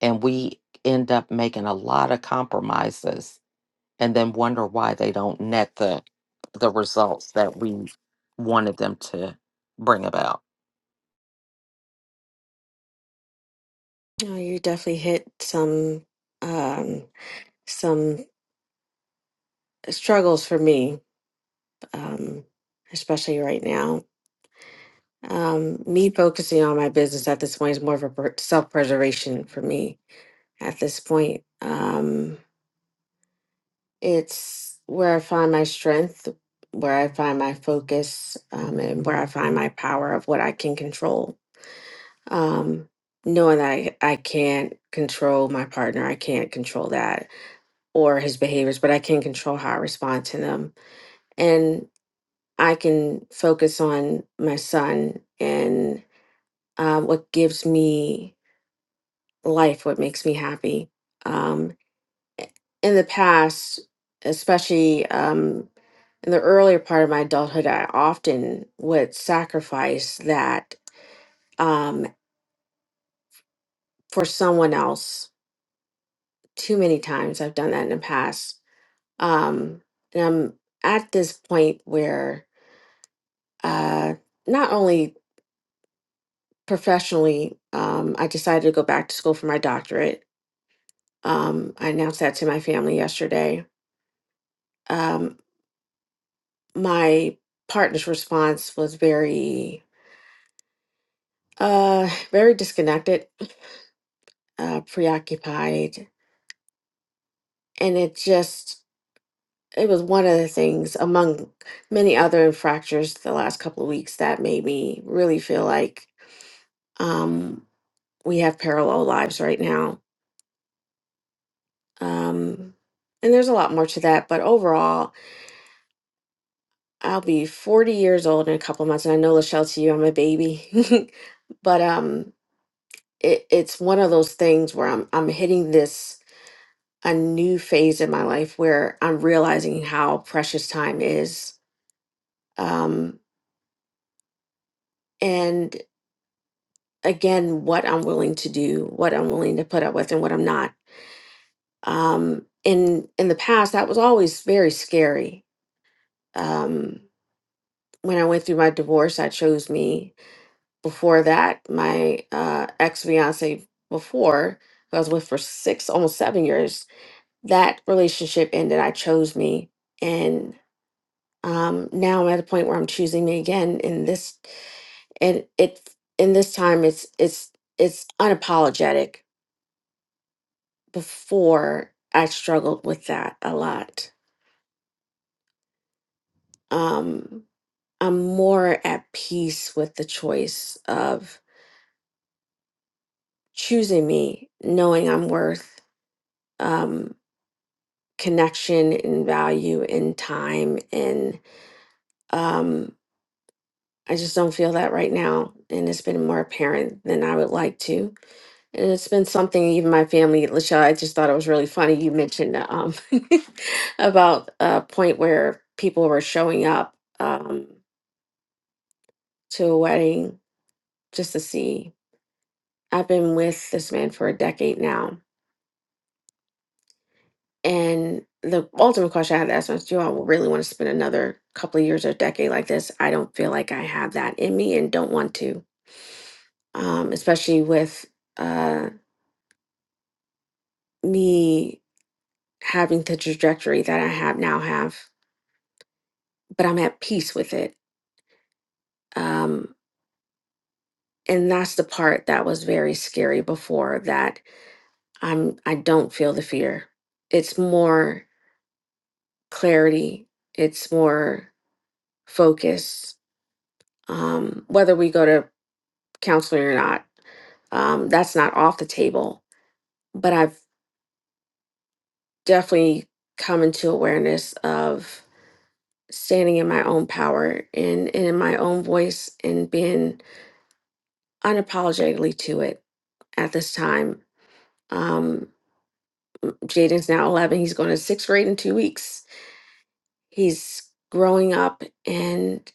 And we end up making a lot of compromises and then wonder why they don't net the the results that we wanted them to bring about.
No, you definitely hit some um, some struggles for me, um, especially right now. Um, me focusing on my business at this point is more of a per- self-preservation for me at this point. Um, it's where I find my strength, where I find my focus, um, and where I find my power of what I can control. Um, knowing that I, I can't control my partner, I can't control that or his behaviors, but I can control how I respond to them. And I can focus on my son and uh, what gives me life what makes me happy. Um, in the past, especially um, in the earlier part of my adulthood, I often would sacrifice that um, for someone else. Too many times I've done that in the past. Um, and I'm at this point where uh, not only professionally, um, I decided to go back to school for my doctorate. Um, I announced that to my family yesterday. Um, my partner's response was very uh very disconnected uh preoccupied and it just it was one of the things among many other fractures the last couple of weeks that made me really feel like um we have parallel lives right now um and there's a lot more to that but overall i'll be 40 years old in a couple months and i know lachelle to you i'm a baby but um it, it's one of those things where I'm I'm hitting this a new phase in my life where I'm realizing how precious time is. Um, and again, what I'm willing to do, what I'm willing to put up with, and what I'm not. Um, in in the past, that was always very scary. Um, when I went through my divorce, that chose me. Before that, my uh, ex fiance before who I was with for six, almost seven years that relationship ended. I chose me, and um, now I'm at a point where I'm choosing me again. In this, and it, in this time, it's it's it's unapologetic. Before I struggled with that a lot. Um, I'm more at peace with the choice of choosing me, knowing I'm worth um, connection and value and time and um, I just don't feel that right now. And it's been more apparent than I would like to. And it's been something even my family, Lachelle, I just thought it was really funny. You mentioned uh, um, about a point where people were showing up um, to a wedding just to see. I've been with this man for a decade now. And the ultimate question I had to ask myself, do I really want to spend another couple of years or decade like this? I don't feel like I have that in me and don't want to, um, especially with. uh, me having the trajectory that I have now have, but I'm at peace with it. Um, and that's the part that was very scary before that I'm I don't feel the fear. It's more clarity, it's more focus. Um, whether we go to counseling or not, um, that's not off the table. But I've definitely come into awareness of standing in my own power and, and in my own voice and being unapologetically to it at this time. Um, Jaden's now 11. He's going to sixth grade in two weeks. He's growing up. And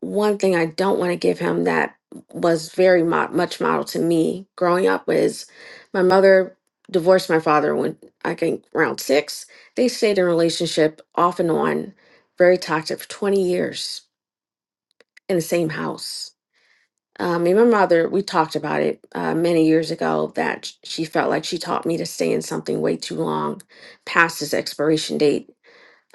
one thing I don't want to give him that was very mo- much model to me growing up was my mother divorced my father when I think around six. They stayed in a relationship off and on, very toxic for 20 years in the same house Um, me and my mother, we talked about it uh, many years ago that sh- she felt like she taught me to stay in something way too long past its expiration date.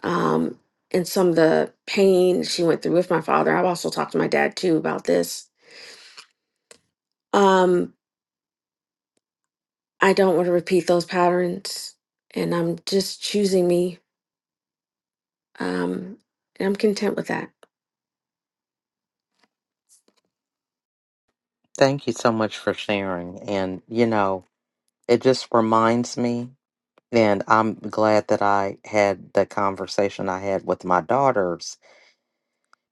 Um, and some of the pain she went through with my father, I've also talked to my dad too about this. Um, I don't want to repeat those patterns, and I'm just choosing me, um, and I'm content with that.
Thank you so much for sharing. And, you know, it just reminds me and i'm glad that i had the conversation i had with my daughters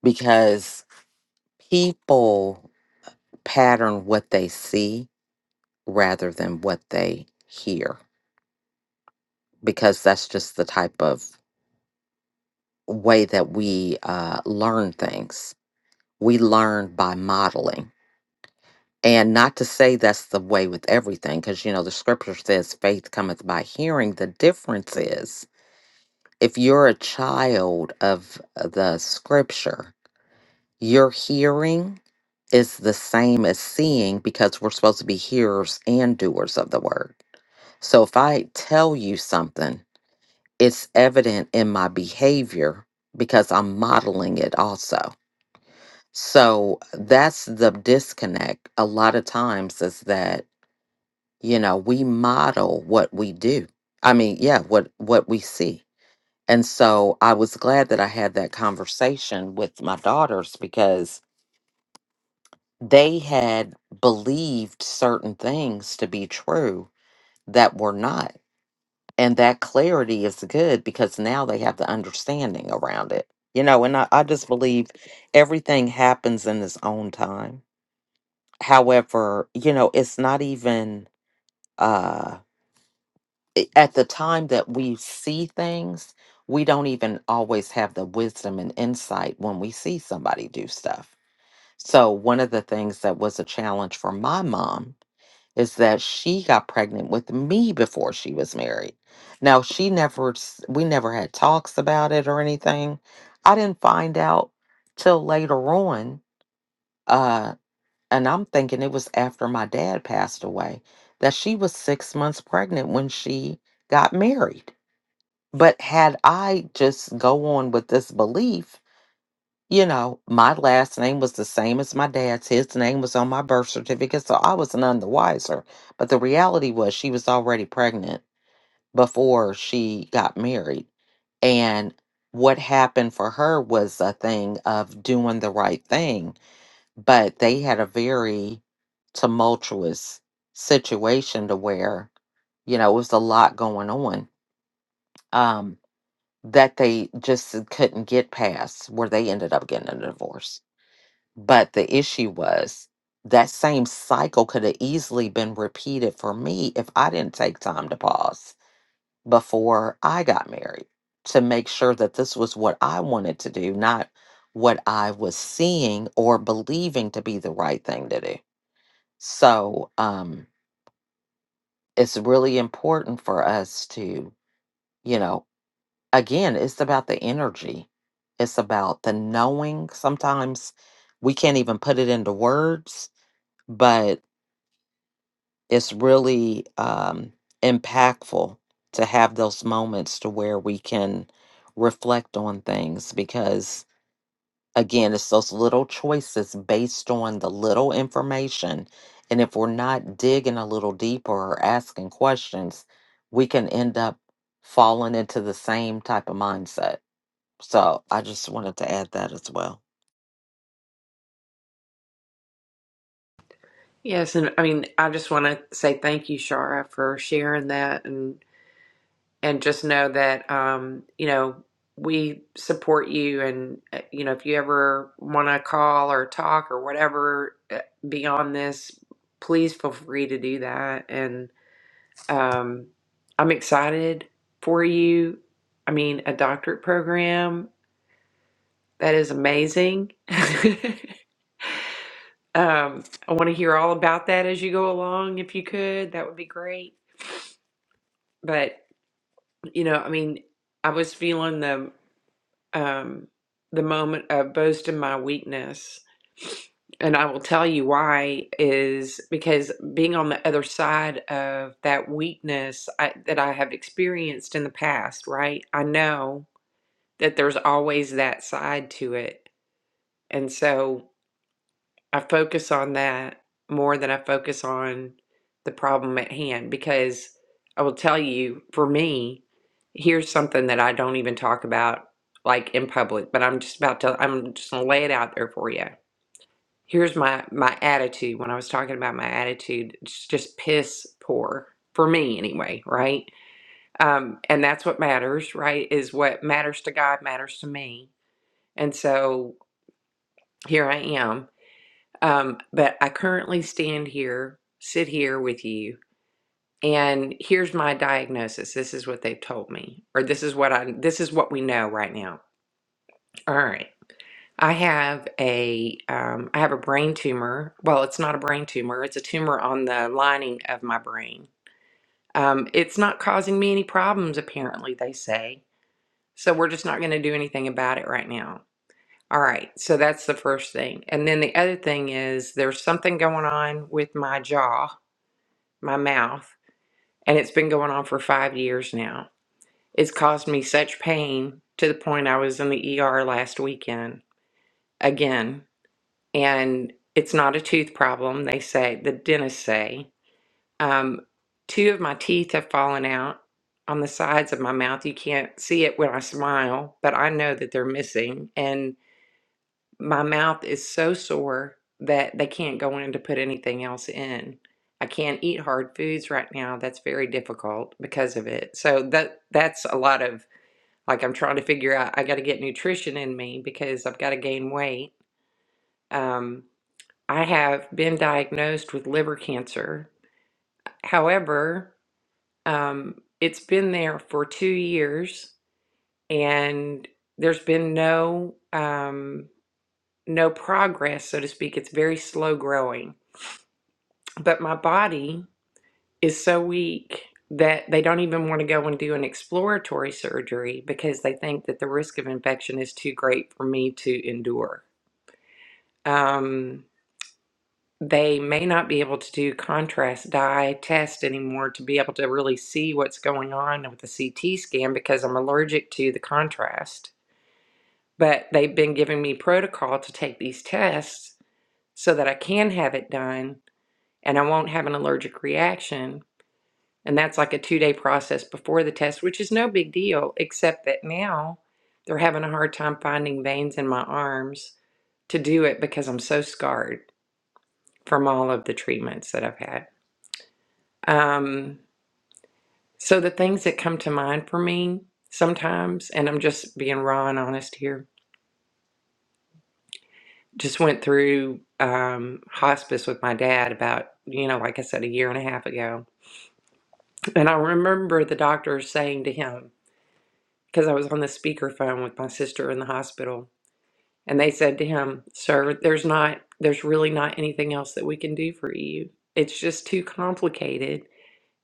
because people pattern what they see rather than what they hear because that's just the type of way that we uh, learn things we learn by modeling and not to say that's the way with everything because you know the scripture says faith cometh by hearing the difference is if you're a child of uh, the scripture, your hearing is the same as seeing because we're supposed to be hearers and doers of the word. So if I tell you something, it's evident in my behavior because I'm modeling it also. So that's the disconnect a lot of times is that, you know, we model what we do. I mean, yeah, what what we see And so I was glad that I had that conversation with my daughters because they had believed certain things to be true that were not. And that clarity is good because now they have the understanding around it. You know, and I, I just believe everything happens in its own time. However, you know, it's not even. uh i- at the time that we see things, we don't even always have the wisdom and insight when we see somebody do stuff. So, one of the things that was a challenge for my mom is that she got pregnant with me before she was married. Now, she never, s- we never had talks about it or anything. I didn't find out till later on. Uh, and I'm thinking it was after my dad passed away that she was six months pregnant when she got married but had I just go on with this belief, you know, my last name was the same as my dad's. His name was on my birth certificate, so I was none the wiser. But the reality was she was already pregnant before she got married. And what happened for her was a thing of doing the right thing. But they had a very tumultuous situation to where, you know, it was a lot going on. Um, that they just uh, couldn't get past where they ended up getting a divorce. But the issue was that same cycle could have easily been repeated for me if I didn't take time to pause before I got married to make sure that this was what I wanted to do, not what I was seeing or believing to be the right thing to do. So um, it's really important for us to, you know, again, it's about the energy. It's about the knowing. Sometimes we can't even put it into words, but it's really um, impactful to have those moments to where we can reflect on things because, again, it's those little choices based on the little information. And if we're not digging a little deeper or asking questions, we can end up falling into the same type of mindset so I just wanted to add that as well.
Yes, and I mean, I just want to say thank you, Shara, for sharing that. And. and just know that um, you know we support you and uh, you know if you ever want to call or talk or whatever uh, beyond this please feel free to do that and um, i'm excited for you i mean a doctorate program that is amazing um, i want to hear all about that as you go along if you could that would be great but you know i mean I was feeling the um, the moment of boasting my weakness. And I will tell you why is because being on the other side of that weakness I, that I have experienced in the past, right? I know that there's always that side to it. And so I focus on that more than I focus on the problem at hand because I will tell you, for me, here's something that I don't even talk about like in public, but I'm just about to I'm just gonna lay it out there for you. Here's my my attitude when I was talking about my attitude, it's just piss poor for me anyway, right? Um, and that's what matters, right? Is what matters to God matters to me. And so here I am um, but I currently stand here, sit here with you, and here's my diagnosis. This is what they've told me, or this is what I this is what we know right now. All right. I have a um, I have a brain tumor. Well, it's not a brain tumor. It's a tumor on the lining of my brain. Um, it's not causing me any problems, apparently they say. So we're just not going to do anything about it right now. All right. So that's the first thing. And then the other thing is there's something going on with my jaw my mouth, and it's been going on for five years now. It's caused me such pain to the point I was in the ER last weekend again. And it's not a tooth problem, they say, the dentists say. Um, two of my teeth have fallen out on the sides of my mouth. You can't see it when I smile, but I know that they're missing. And my mouth is so sore that they can't go in to put anything else in. I can't eat hard foods right now. That's very difficult because of it. So that that's a lot of like I'm trying to figure out I got to get nutrition in me because I've got to gain weight. Um I have been diagnosed with liver cancer. However, um it's been there for 2 years and there's been no um no progress so to speak. It's very slow growing but my body is so weak that they don't even want to go and do an exploratory surgery because they think that the risk of infection is too great for me to endure. Um, they may not be able to do contrast dye test anymore to be able to really see what's going on with the CT scan because I'm allergic to the contrast. But they've been giving me protocol to take these tests so that I can have it done and I won't have an allergic reaction And that's like a two day process before the test, which is no big deal, except that now they're having a hard time finding veins in my arms to do it because I'm so scarred from all of the treatments that I've had. Um, so the things that come to mind for me sometimes, and I'm just being raw and honest here, just went through um, hospice with my dad about, you know, like I said, a year and a half ago. And I remember the doctor saying to him, because I was on the speakerphone with my sister in the hospital, And they said to him, Sir, there's not, there's really not anything else that we can do for you. It's just too complicated.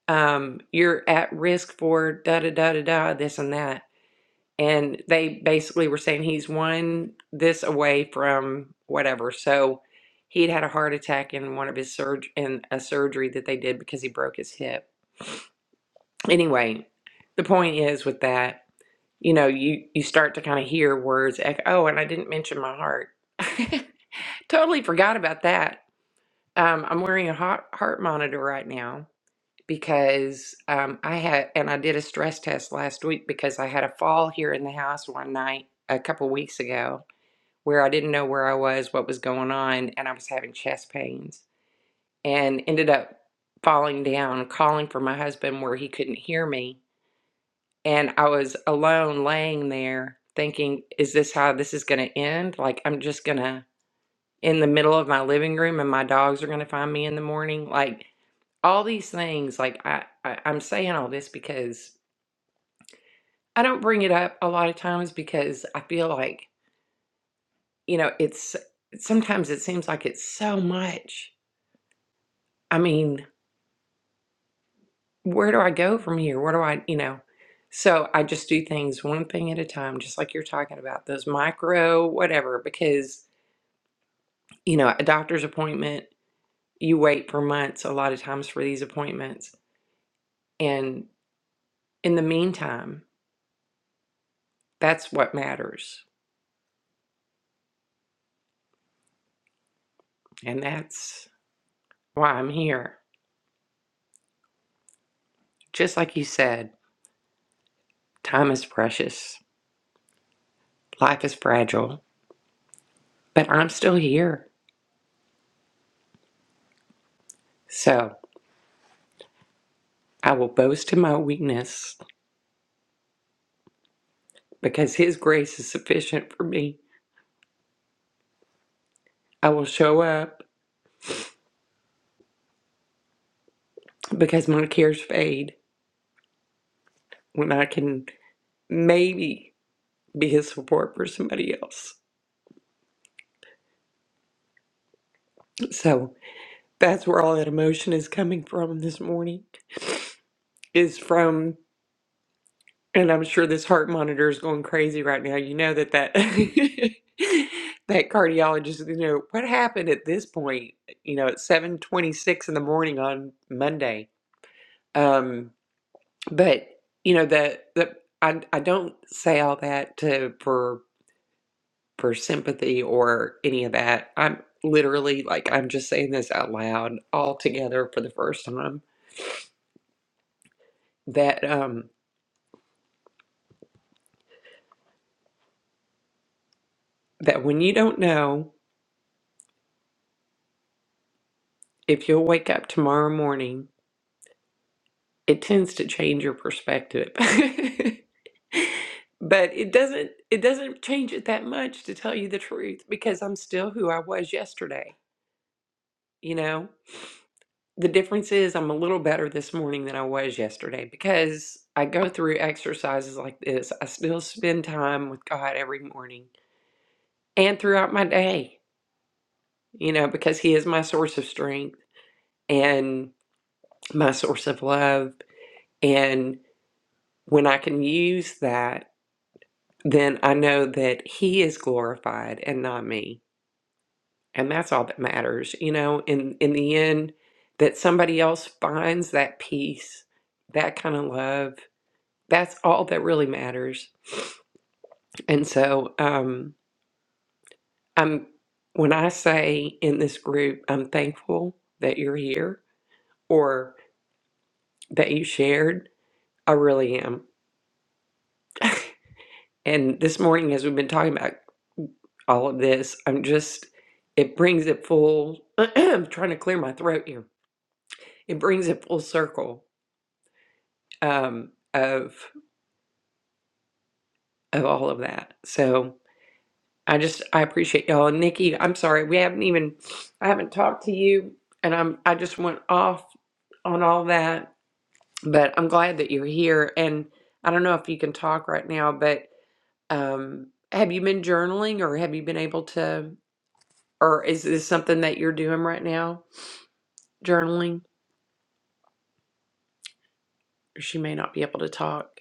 Um, you're at risk for da da da da da, this and that. And they basically were saying he's one this away from whatever. So he'd had a heart attack in one of his surg in a surgery that they did because he broke his hip. Anyway, the point is with that, you know, you you start to kind of hear words, echo, oh, and I didn't mention my heart. Totally forgot about that. Um, I'm wearing a heart, heart monitor right now because um, I had, and I did a stress test last week because I had a fall here in the house one night a couple weeks ago where I didn't know where I was, what was going on, and I was having chest pains and ended up falling down, calling for my husband where he couldn't hear me. And I was alone laying there thinking, is this how this is going to end? Like, I'm just going to in the middle of my living room and my dogs are going to find me in the morning like all these things like I, I i'm saying all this because i don't bring it up a lot of times because i feel like you know it's sometimes it seems like it's so much i mean where do i go from here where do i you know so i just do things one thing at a time just like you're talking about those micro whatever because you know a doctor's appointment you wait for months a lot of times for these appointments and in the meantime, that's what matters. And that's why I'm here. Just like you said, time is precious, life is fragile, but I'm still here. So I will boast in my weakness because His grace is sufficient for me. I will show up because my cares fade when I can maybe be His support for somebody else. So that's where all that emotion is coming from this morning is from And I'm sure this heart monitor is going crazy right now. You know that that that cardiologist, you know, what happened at this point, you know, at 7:26 in the morning on Monday. Um, but you know the the I I don't say all that to for for sympathy or any of that. I'm literally like I'm just saying this out loud all together for the first time that um that when you don't know if you'll wake up tomorrow morning it tends to change your perspective. but it doesn't it doesn't change it that much to tell you the truth because I'm still who I was yesterday, you know? The difference is I'm a little better this morning than I was yesterday because I go through exercises like this. I still spend time with God every morning and throughout my day, you know, because he is my source of strength and my source of love and when I can use that then I know that he is glorified and not me. And that's all that matters. You know, in in the end that somebody else finds that peace, that kind of love, that's all that really matters. And so um I'm when I say in this group I'm thankful that you're here or that you shared, I really am And this morning, as we've been talking about all of this, I'm just, it brings it full, I'm trying to clear my throat here. It brings it full circle um, of of all of that. So I just, I appreciate y'all. And Nikki, I'm sorry, we haven't even, I haven't talked to you and I'm, I just went off on all that, but I'm glad that you're here. And I don't know if you can talk right now, but um, have you been journaling or have you been able to? Or is this something that you're doing right now? Journaling? She may not be able to talk.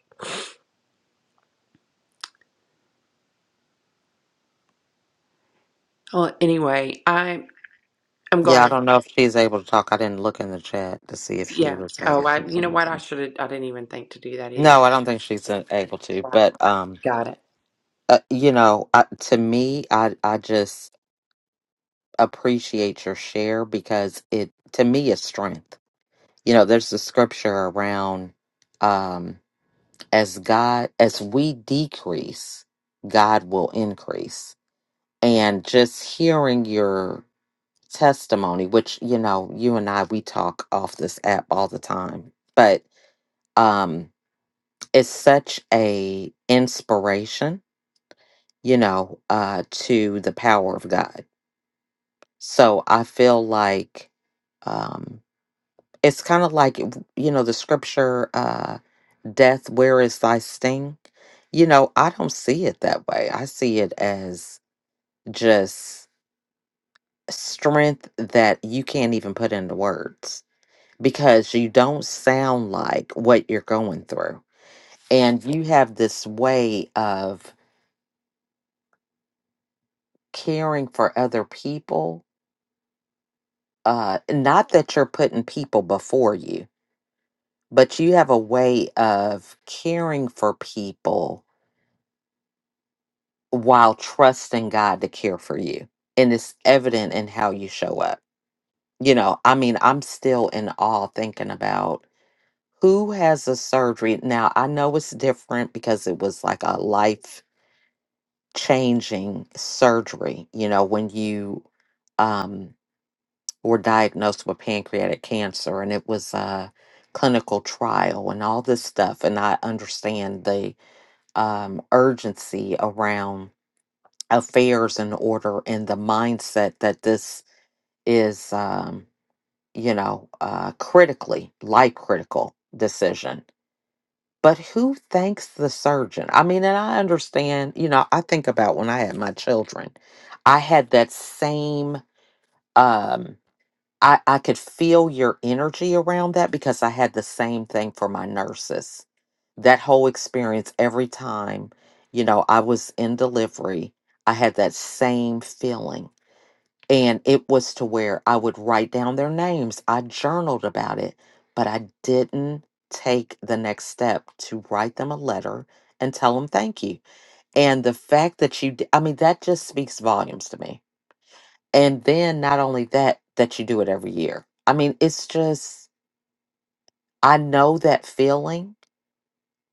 Well, anyway, I I'm
Yeah, I
glad.
don't know if she's able to talk. I didn't look in the chat to see if she
Yeah.
was able
Oh,
to
I
talk.
you
or
know what? I
anything.
should have. I didn't even think to do that either.
No, I don't think she's uh, able to.
Right.
But um,
Got it.
uh, you know, I, to me, I I just appreciate your share because it to me is strength. You know, there's the scripture around um, as God as we decrease, God will increase, and just hearing your testimony, which you know, you and I we talk off this app all the time, but um it's such a inspiration, you know, uh to the power of God. So I feel like um it's kind of like you know the scripture uh death where is thy sting? You know, I don't see it that way. I see it as just strength that you can't even put into words because you don't sound like what you're going through. And you have this way of caring for other people. Uh, not that you're putting people before you, but you have a way of caring for people while trusting God to care for you. And it's evident in how you show up. You know, I mean, I'm still in awe thinking about who has a surgery. Now, I know it's different because it was like a life changing surgery. You know, when you um, were diagnosed with pancreatic cancer, and it was a clinical trial and all this stuff. And I understand the um, urgency around affairs in order and the mindset that this is, um, you know, uh, critically life critical decision. But who thanks the surgeon? I mean, and I understand, you know, I think about when I had my children, I had that same um I, I could feel your energy around that because I had the same thing for my nurses. That whole experience every time, you know, I was in delivery, I had that same feeling and it was to where I would write down their names. I journaled about it, but I didn't take the next step to write them a letter and tell them thank you. And the fact that you, d- I mean, that just speaks volumes to me. And then not only that, that you do it every year. I mean, it's just, I know that feeling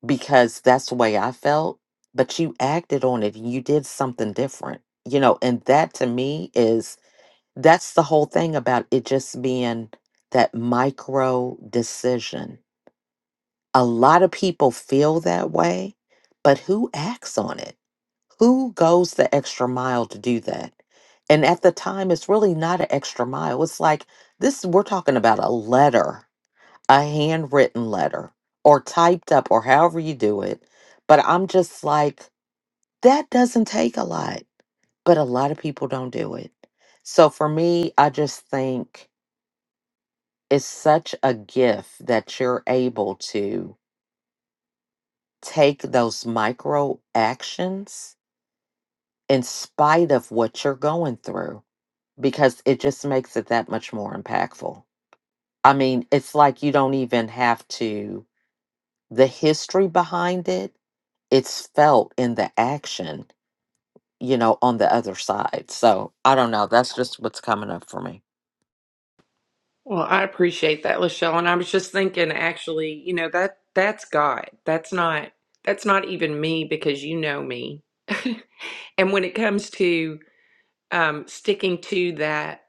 because that's the way I felt, but you acted on it. and You did something different, you know, and that to me is that's the whole thing about it just being that micro decision. A lot of people feel that way, but who acts on it? Who goes the extra mile to do that? And at the time, it's really not an extra mile. It's like this, we're talking about a letter, a handwritten letter, or typed up, or however you do it. But I'm just like, that doesn't take a lot. But a lot of people don't do it. So for me, I just think It's such a gift that you're able to take those micro actions in spite of what you're going through because it just makes it that much more impactful. I mean, it's like you don't even have to, the history behind it, it's felt in the action, you know, on the other side. So I don't know. That's just what's coming up for me.
Well, I appreciate that, Lachelle. And I was just thinking, actually, you know that that's God. That's not that's not even me because you know me. and when it comes to um, sticking to that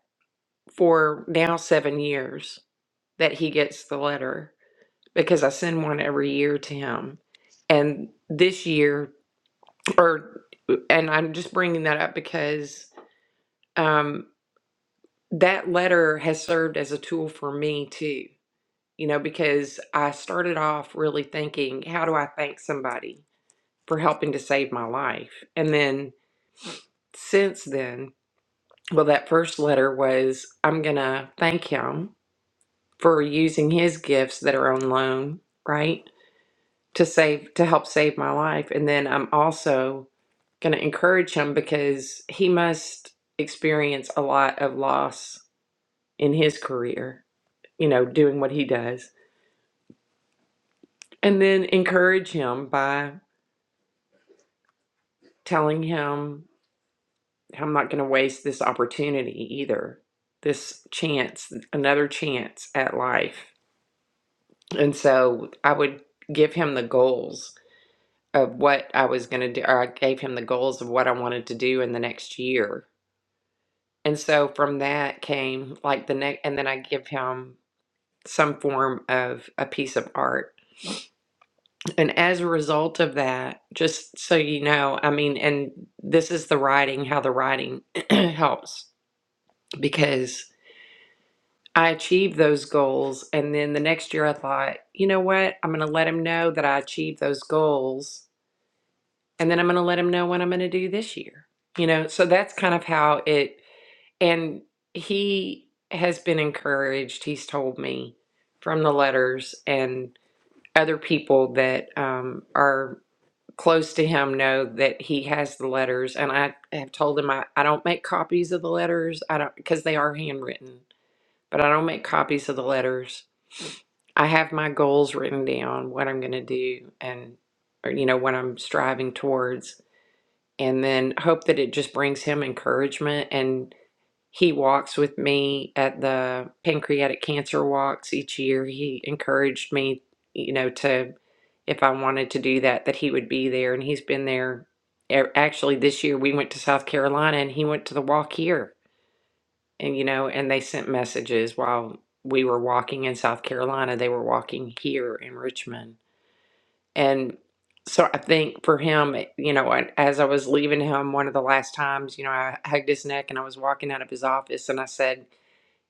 for now seven years, that he gets the letter. because I send one every year to him. And this year, or and I'm just bringing that up because um, that letter has served as a tool for me too. You know, because I started off really thinking, how do I thank somebody for helping to save my life? And then since then, well, that first letter was, I'm going to thank him for using his gifts that are on loan, right? to save to help save my life and then i'm also going to encourage him because he must experience a lot of loss in his career you know doing what he does and then encourage him by telling him i'm not going to waste this opportunity either this chance another chance at life and so i would give him the goals of what i was going to do or i gave him the goals of what i wanted to do in the next year And so from that came like the next, and then I give him some form of a piece of art. And as a result of that, just so you know, I mean, and this is the writing, how the writing helps because I achieved those goals. And then the next year I thought, you know what? I'm going to let him know that I achieved those goals. And then I'm going to let him know what I'm going to do this year. You know, so that's kind of how it And he has been encouraged, he's told me from the letters and other people that um, are close to him know that he has the letters. And I have told him I, I don't make copies of the letters. I don't, because they are handwritten, but I don't make copies of the letters. I have my goals written down, what I'm going to do, and, or, you know, what I'm striving towards. And then hope that it just brings him encouragement. And he walks with me at the pancreatic cancer walks each year. He encouraged me, you know, to if I wanted to do that, that he would be there. And he's been there. A- Actually, this year we went to South Carolina and he went to the walk here. And, you know, and they sent messages while we were walking in South Carolina. They were walking here in Richmond. And so I think for him, eh, you know, and as I was leaving him one of the last times, you know, I hugged his neck and I was walking out of his office and I said,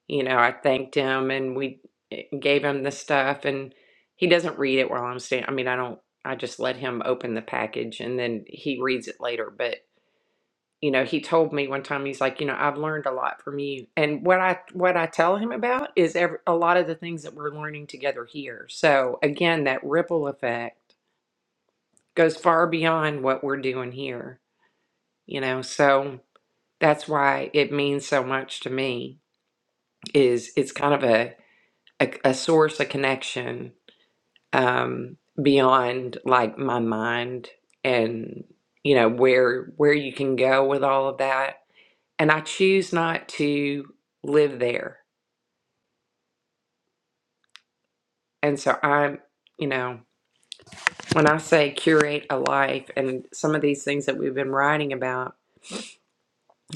you know, I thanked him and we eh, gave him the stuff and he doesn't read it while I'm standing. I mean, I don't, I just let him open the package and then he reads it later. But, you know, he told me one time, he's like, you know, I've learned a lot from you. And what I, what I tell him about is every, a lot of the things that we're learning together here. So again, that ripple effect goes far beyond what we're doing here, you know? So that's why it means so much to me is it's kind of a, a, a source, a connection um, beyond like my mind and you know where where you can go with all of that. And I choose not to live there. And so I'm, you know, when I say curate a life, and some of these things that we've been writing about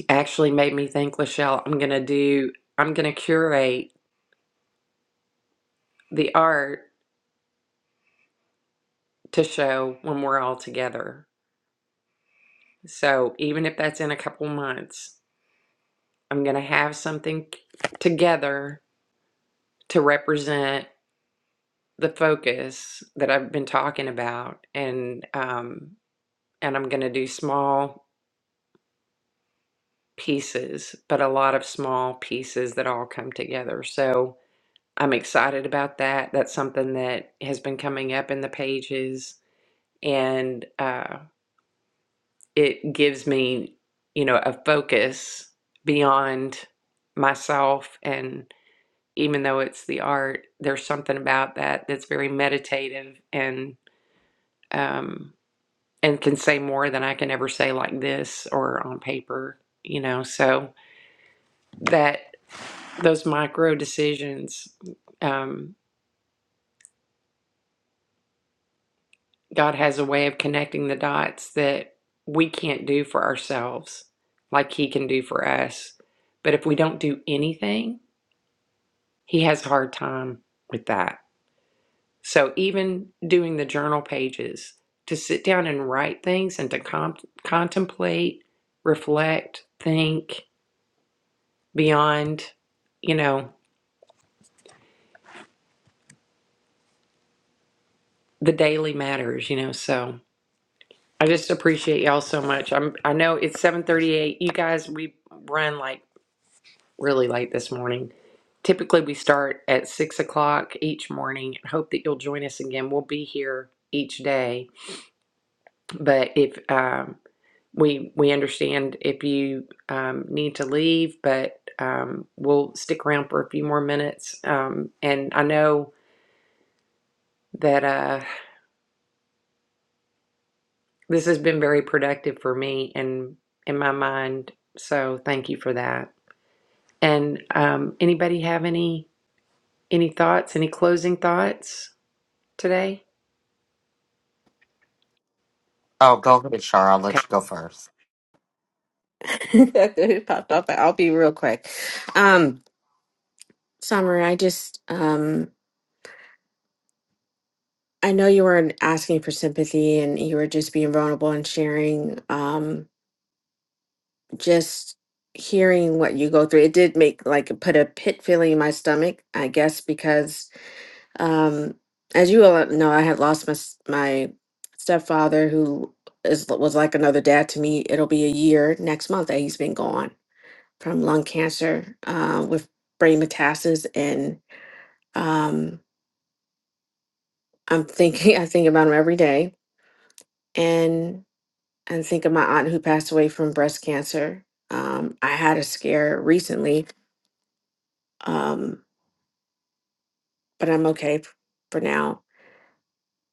actually made me think, Lachelle, I'm gonna do, I'm gonna curate the art to show when we're all together. So even if that's in a couple months, I'm going to have something together to represent the focus that I've been talking about, and um, and I'm going to do small pieces, but a lot of small pieces that all come together. So I'm excited about that. That's something that has been coming up in the pages, and uh, it gives me, you know, a focus beyond myself and. even though it's the art, there's something about that that's very meditative and um, and can say more than I can ever say like this or on paper, you know. So that those micro decisions, um, God has a way of connecting the dots that we can't do for ourselves, like He can do for us. But if we don't do anything, He has a hard time with that So even doing the journal pages, to sit down and write things and to comp- contemplate, reflect, think beyond, you know, the daily matters, you know. So I just appreciate y'all so much. I'm I know it's 7:38. You guys, we run like really late this morning. Typically, we start at six o'clock each morning. I Hope that you'll join us again. We'll be here each day. But if um, We we understand if you um, need to leave, but um, we'll stick around for a few more minutes. Um, and I know that uh, this has been very productive for me and in my mind. So thank you for that. And um, anybody have any any thoughts? Any closing thoughts today?
Oh, go ahead, Shara. I'll
Okay,
let you go first.
it popped off. I'll be real quick. Um, Summer, I just um, I know you weren't asking for sympathy and you were just being vulnerable and sharing. Um, just hearing what you go through, it did make like put a pit feeling in my stomach, I guess, because um, as you all know, I had lost my s- my stepfather, who is was like another dad to me. It'll be a year next month that he's been gone from lung cancer uh, with brain metastasis, and um, I'm thinking I think about him every day, and and think of my aunt who passed away from breast cancer. Um, I had a scare recently, um, but I'm okay f- for now.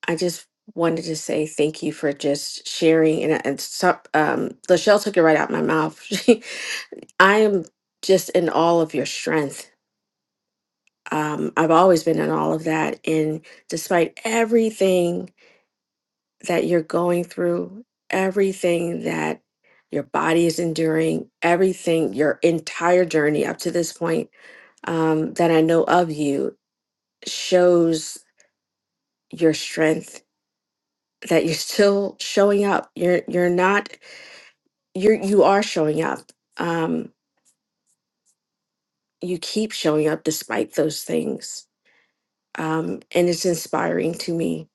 I just wanted to say thank you for just sharing. And, uh, and so, um, Lachelle took it right out my mouth. She- I am just in all of your strength. Um, I've always been in all of that. And despite everything that you're going through, everything that your body is enduring, everything, your entire journey up to this point, um, that I know of you shows your strength that you're still showing up. You're you're not you're you are showing up. Um, you keep showing up despite those things, um, and it's inspiring to me.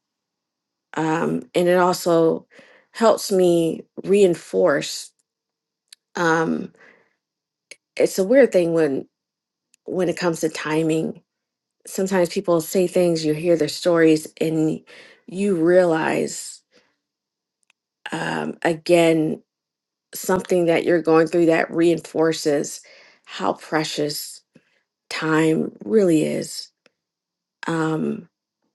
Um, and it also helps me reinforce. Um, it's a weird thing when when it comes to timing. Sometimes people say things, you hear their stories, and you realize um, again something that you're going through that reinforces how precious time really is. Um,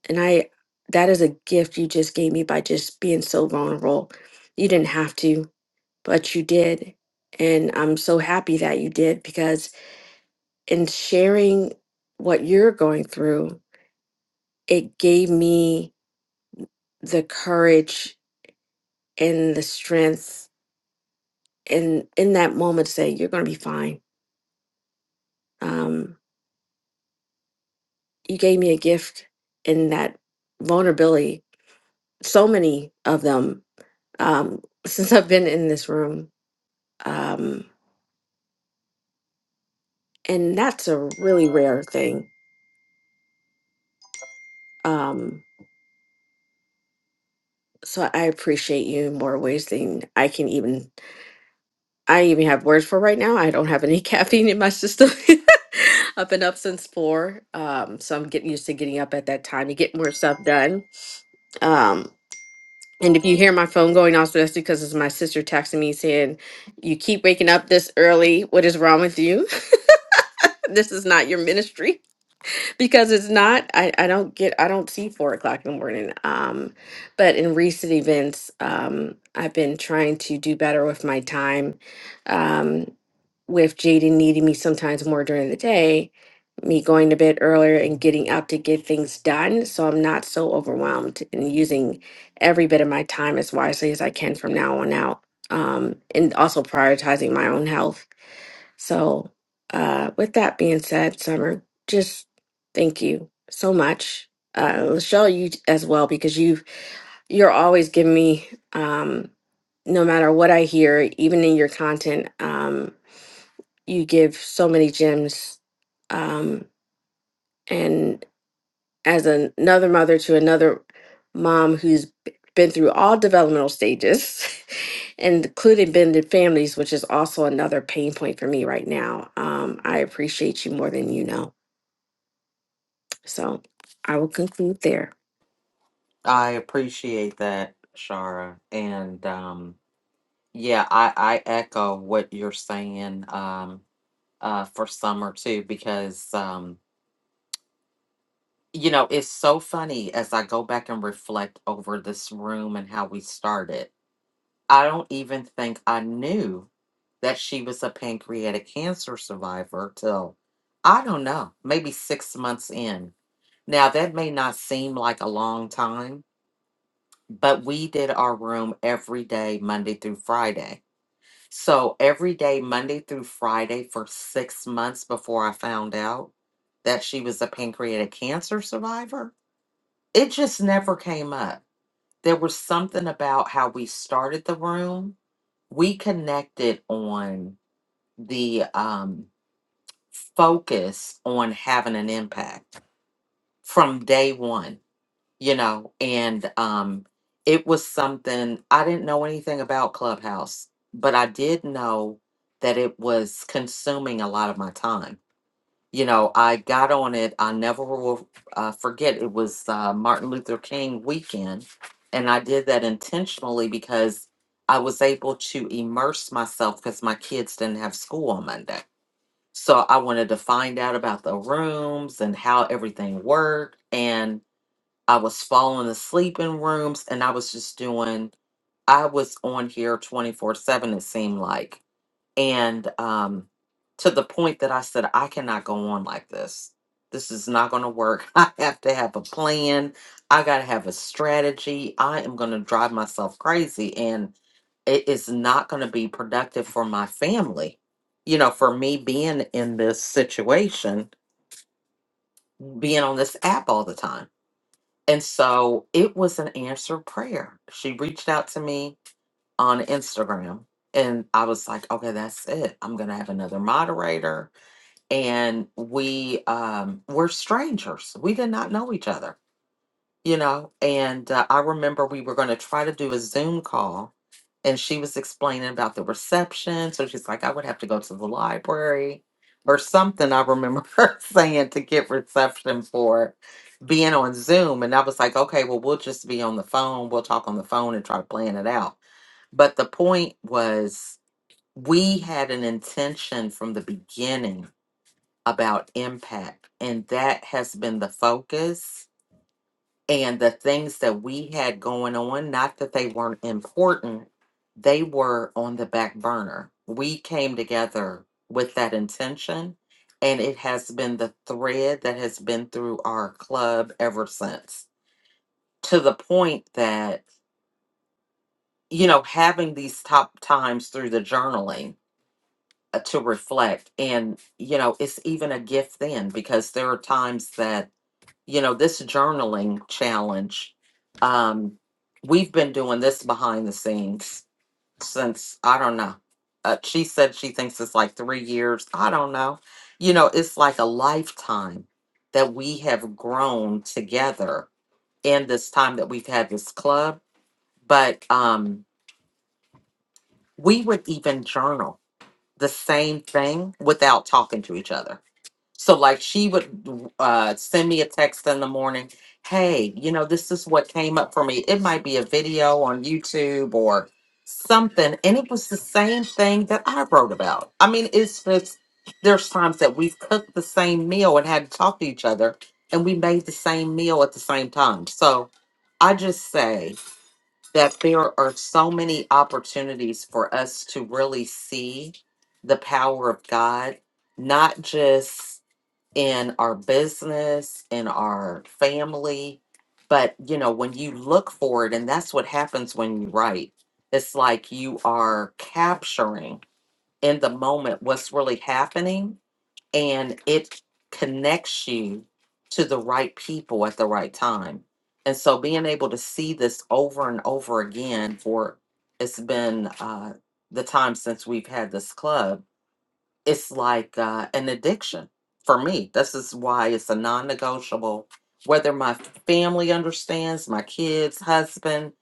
and I, that is a gift you just gave me by just being so vulnerable. You didn't have to, but you did. And I'm so happy that you did because in sharing what you're going through, it gave me the courage and the strength and in that moment to say, you're going to be fine. Um, you gave me a gift in that vulnerability so many of them um, since i've been in this room um, and that's a really rare thing um, so i appreciate you in more ways than i can even i even have words for right now i don't have any caffeine in my system i've been up since four um, so i'm getting used to getting up at that time you get more stuff done Um, And if you hear my phone going off, so that's because it's my sister texting me saying, You keep waking up this early. What is wrong with you? this is not your ministry because it's not I, I don't get i don't see four o'clock in the morning um but in recent events um i've been trying to do better with my time um with jaden needing me sometimes more during the day me going to bed earlier and getting up to get things done so i'm not so overwhelmed and using every bit of my time as wisely as i can from now on out um and also prioritizing my own health so, uh, with that being said, Summer, just thank you so much. Uh, Lachelle, you as well, because you you're always giving me, um, no matter what I hear, even in your content, um, you give so many gems. Um, as an- another mother to another mom who's b- been through all developmental stages, and including blended families, which is also another pain point for me right now. Um, I appreciate you more than you know. So I will conclude there.
I appreciate that, Shara. And, um, Yeah, I, I echo what you're saying um, uh, for summer too, because, um, you know, it's so funny as I go back and reflect over this room and how we started. I don't even think I knew that she was a pancreatic cancer survivor till, I don't know, maybe six months in. Now, that may not seem like a long time, but we did our room every day, Monday through Friday So every day, Monday through Friday, for six months before I found out that she was a pancreatic cancer survivor, it just never came up. There was something about how we started the room. We connected on the um, focus on having an impact from day one you know, and um, it was something I didn't know anything about Clubhouse, but I did know that it was consuming a lot of my time. You know, I got on it, I never will uh, forget, it was uh, Martin Luther King weekend. And I did that intentionally because I was able to immerse myself because my kids didn't have school on Monday. So I wanted to find out about the rooms and how everything worked. And I was falling asleep in rooms and I was just doing I was on here 24/7 it seemed like. And um to the point that I said I cannot go on like this. This is not going to work. I have to have a plan. I got to have a strategy. I am going to drive myself crazy and it is not going to be productive for my family. You know, for me being in this situation, being on this app all the time. And so it was an answered prayer. She reached out to me on Instagram, and I was like, "Okay, that's it. I'm gonna have another moderator." And we um, were strangers. We did not know each other you know and uh, i remember we were going to try to do a zoom call and she was explaining about the reception so she's like i would have to go to the library or something i remember her saying to get reception for being on zoom and i was like okay well we'll just be on the phone we'll talk on the phone and try to plan it out but the point was we had an intention from the beginning about impact and that has been the focus and the things that we had going on, not that they weren't important, they were on the back burner. We came together with that intention, and it has been the thread that has been through our club ever since to the point that, you know, having these top times through the journaling uh, to reflect, and, you know, it's even a gift then because there are times that you know this journaling challenge um we've been doing this behind the scenes since i don't know uh, she said she thinks it's like three years i don't know you know it's like a lifetime that we have grown together in this time that we've had this club but um we would even journal the same thing without talking to each other So like she would uh, send me a text in the morning. Hey, you know, this is what came up for me. It might be a video on YouTube or something. And it was the same thing that I wrote about. I mean, it's just there's times that we've cooked the same meal and had to talk to each other and we made the same meal at the same time. So I just say that there are so many opportunities for us to really see the power of God, not just in our business, in our family. But, you know, when you look for it, and that's what happens when you write, it's like you are capturing in the moment what's really happening and it connects you to the right people at the right time. And so being able to see this over and over again for it's been uh, the time since we've had this club it's like uh, an addiction for me. This is why it's a non negotiable. Whether my family understands, my kids, husband,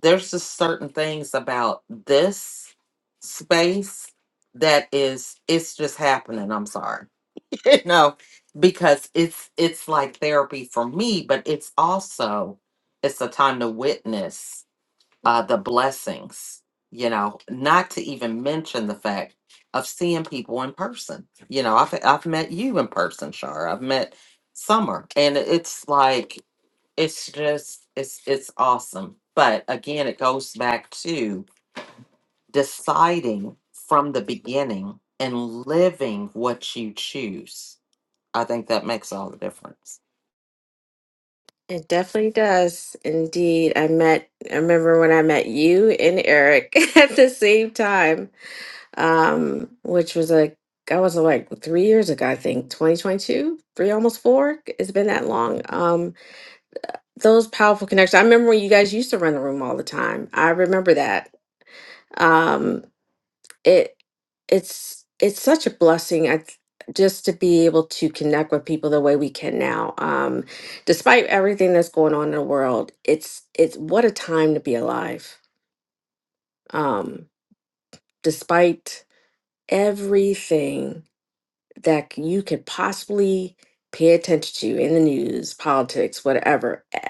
there's just certain things about this space that is it's just happening i'm sorry you know because it's it's like therapy for me but it's also it's a time to witness uh, the blessings, you know, not to even mention the fact of seeing people in person. You know, I've, I've met you in person, Shar. I've met Summer, and it's like, it's just, it's, it's awesome. But again, it goes back to deciding from the beginning and living what you choose. I think that makes all the difference.
It definitely does. Indeed. I met, I remember when I met you and Eric at the same time, um, which was like, I was like three years ago, I think, 2022, three, almost four. It's been that long. Um, those powerful connections. I remember when you guys used to run the room all the time. I remember that. Um, it it's it's such a blessing. I th- just to be able to connect with people the way we can now. Um, despite everything that's going on in the world, it's it's what a time to be alive. Um, despite everything that c- you could possibly pay attention to in the news, politics, whatever. eh,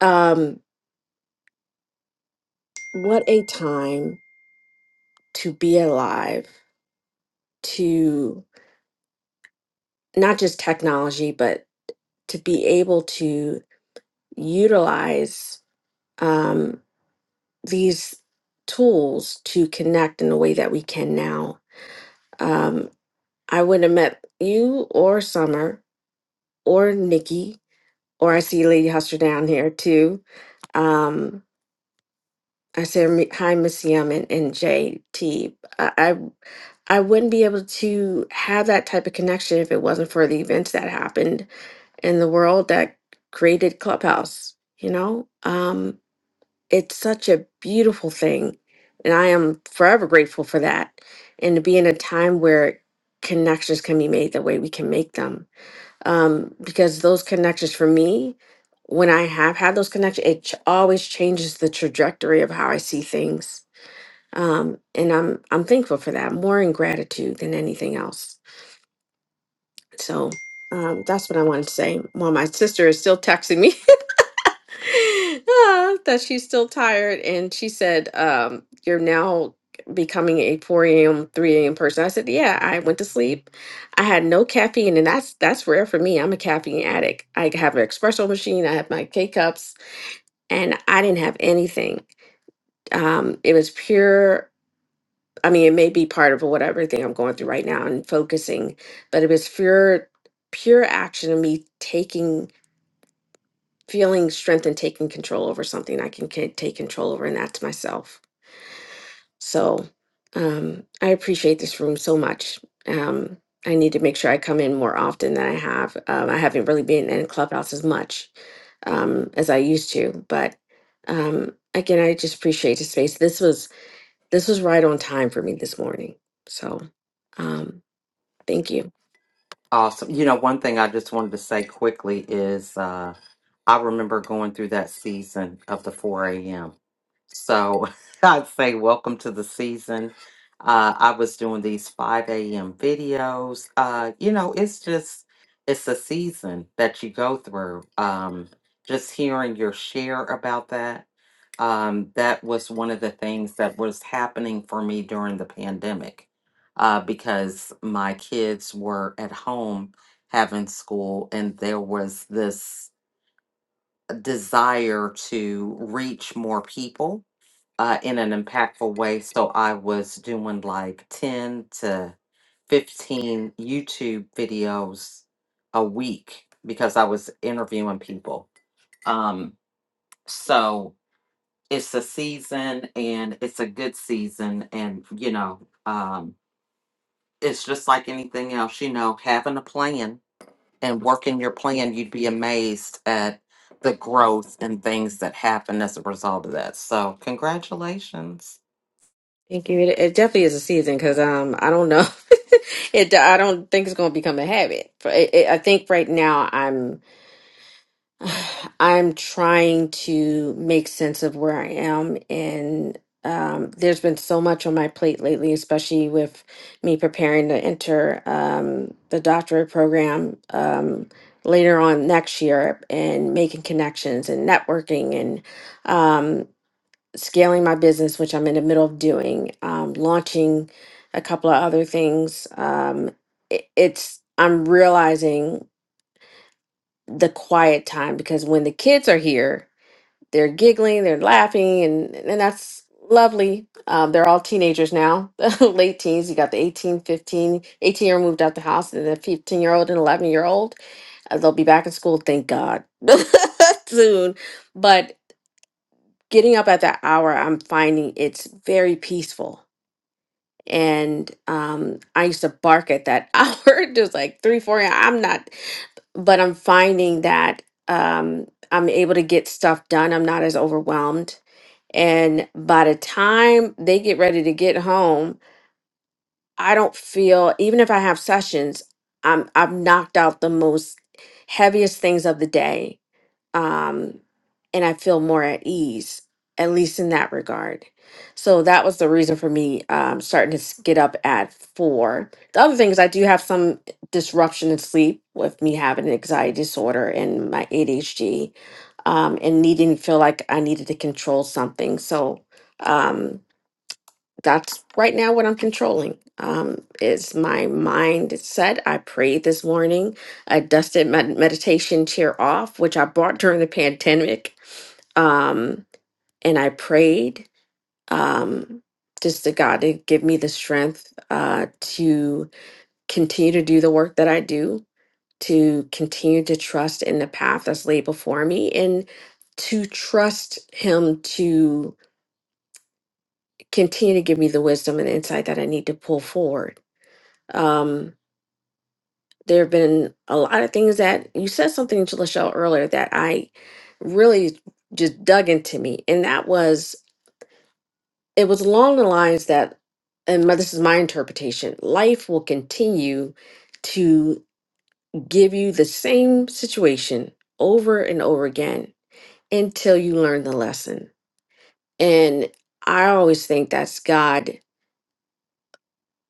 Um, what a time to be alive, to not just technology, but to be able to utilize um, these tools to connect in a way that we can now. Um, I would have met you or Summer or Nikki, or I see Lady Huster down here too. Um, I said "Mi- hi, Miss Yum and, and JT. wouldn't be able to have that type of connection if it wasn't for the events that happened in the world that created Clubhouse. You know, um, it's such a beautiful thing. And I am forever grateful for that. And to be in a time where connections can be made the way we can make them. Um, because those connections for me, when I have had those connections, it ch- always changes the trajectory of how I see things. Um, and I'm I'm thankful for that more in gratitude than anything else. So um, that's what I wanted to say. While my sister is still texting me Ah, that she's still tired. And she said, um, You're now becoming a 4 a.m., 3 a.m. person. I said, Yeah, I went to sleep. I had no caffeine, and that's that's rare for me. I'm a caffeine addict. I have an espresso machine, I have my K cups, and I didn't have anything. Um, it was pure. I mean, it may be part of whatever everything I'm going through right now and focusing, but it was pure, pure action of me taking feeling strength and taking control over something I can ca- take control over, and that's myself. So um, I appreciate this room so much. Um, I need to make sure I come in more often than I have. Um, I haven't really been in Clubhouse as much um, as I used to, but um, again, I just appreciate the space. This was this was right on time for me this morning. So um, thank you.
Awesome. You know, one thing I just wanted to say quickly is uh, I remember going through that season of the 4 a.m. So I'd say welcome to the season. Uh, I was doing these 5 a.m. videos. Uh, you know, it's just, it's a season that you go through. Um, just hearing your share about that, um, that was one of the things that was happening for me during the pandemic uh, because my kids were at home having school and there was this desire to reach more people uh, in an impactful way. So I was doing like 10 to 15 YouTube videos a week because I was interviewing people. Um, so it's a season and it's a good season. And, you know, um, it's just like anything else, you know, having a plan and working your plan, you'd be amazed at the growth and things that happen as a result of that. So, congratulations.
Thank you. It, it definitely is a season because um I don't know. it I don't think it's going to become a habit. For- It, it, I think right now I'm I'm trying to make sense of where I am and um there's been so much on my plate lately, especially with me preparing to enter um the doctorate program um later on next year and making connections and networking and um, scaling my business, which I'm in the middle of doing, um, launching a couple of other things. Um, it, it's I'm realizing the quiet time because when the kids are here, they're giggling, they're laughing, and and that's lovely. Um, they're all teenagers now, late teens. You got the 18, 15, 18 year old moved out the house, and the 15 year old and 11 year old. Uh, They'll be back in school, thank God, soon. But getting up at that hour, I'm finding it's very peaceful. And um, I used to bark at that hour, just like three, four. a.m. I'm not, but I'm finding that um, I'm able to get stuff done. I'm not as overwhelmed. And by the time they get ready to get home, I don't feel, even if I have sessions, I'm, I've knocked out the most heaviest things of the day um, and I feel more at ease, at least in that regard. So that was the reason for me um, starting to s- get up at four. The other thing is I do have some disruption in sleep with me having an anxiety disorder and my ADHD, um, and needing to feel like I needed to control something. So. um, that's right now what I'm controlling. Um, is my mindset. I prayed this morning. I dusted my meditation chair off, which I bought during the pandemic. Um, and I prayed um, just to God to give me the strength uh, to continue to do the work that I do, to continue to trust in the path that's laid before me, and to trust Him to continue to give me the wisdom and insight that I need to pull forward Um, there have been a lot of things that you said something to Lachelle earlier that I really just dug into me, and that was it was along the lines that, and my, this is my interpretation: life will continue to give you the same situation over and over again until you learn the lesson. And I always think that's God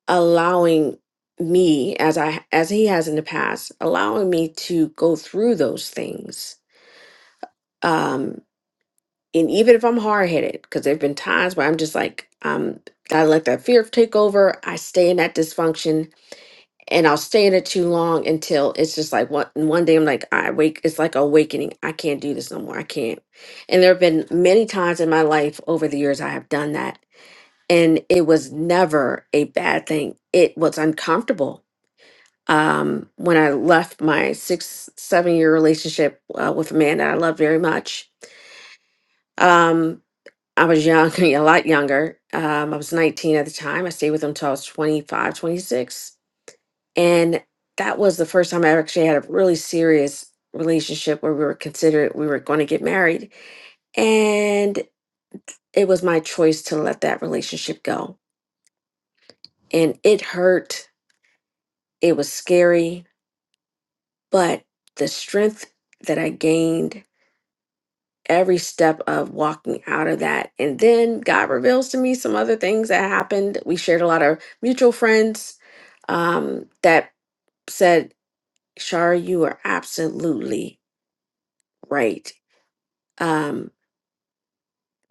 allowing me as I as he has in the past, allowing me to go through those things. Um and even if I'm hard headed, because there have been times where I'm just like, um, I let that fear take over. I stay in that dysfunction and I'll stay in it too long until it's just like one one day I'm like, I wake it's like awakening. I can't do this no more. I can't. And there have been many times in my life over the years I have done that. And it was never a bad thing. It was uncomfortable um, when I left my six, seven year relationship uh, with a man that I loved very much. Um, I was young, a lot younger. Um, I was 19 at the time. I stayed with him till I was 25, 26, And that was the first time I actually had a really serious relationship where we were considered we were going to get married. And it was my choice to let that relationship go. And it hurt. It was scary. But the strength that I gained every step of walking out of that. And then God reveals to me some other things that happened. We shared a lot of mutual friends um, that said, Shara, you are absolutely right. Um,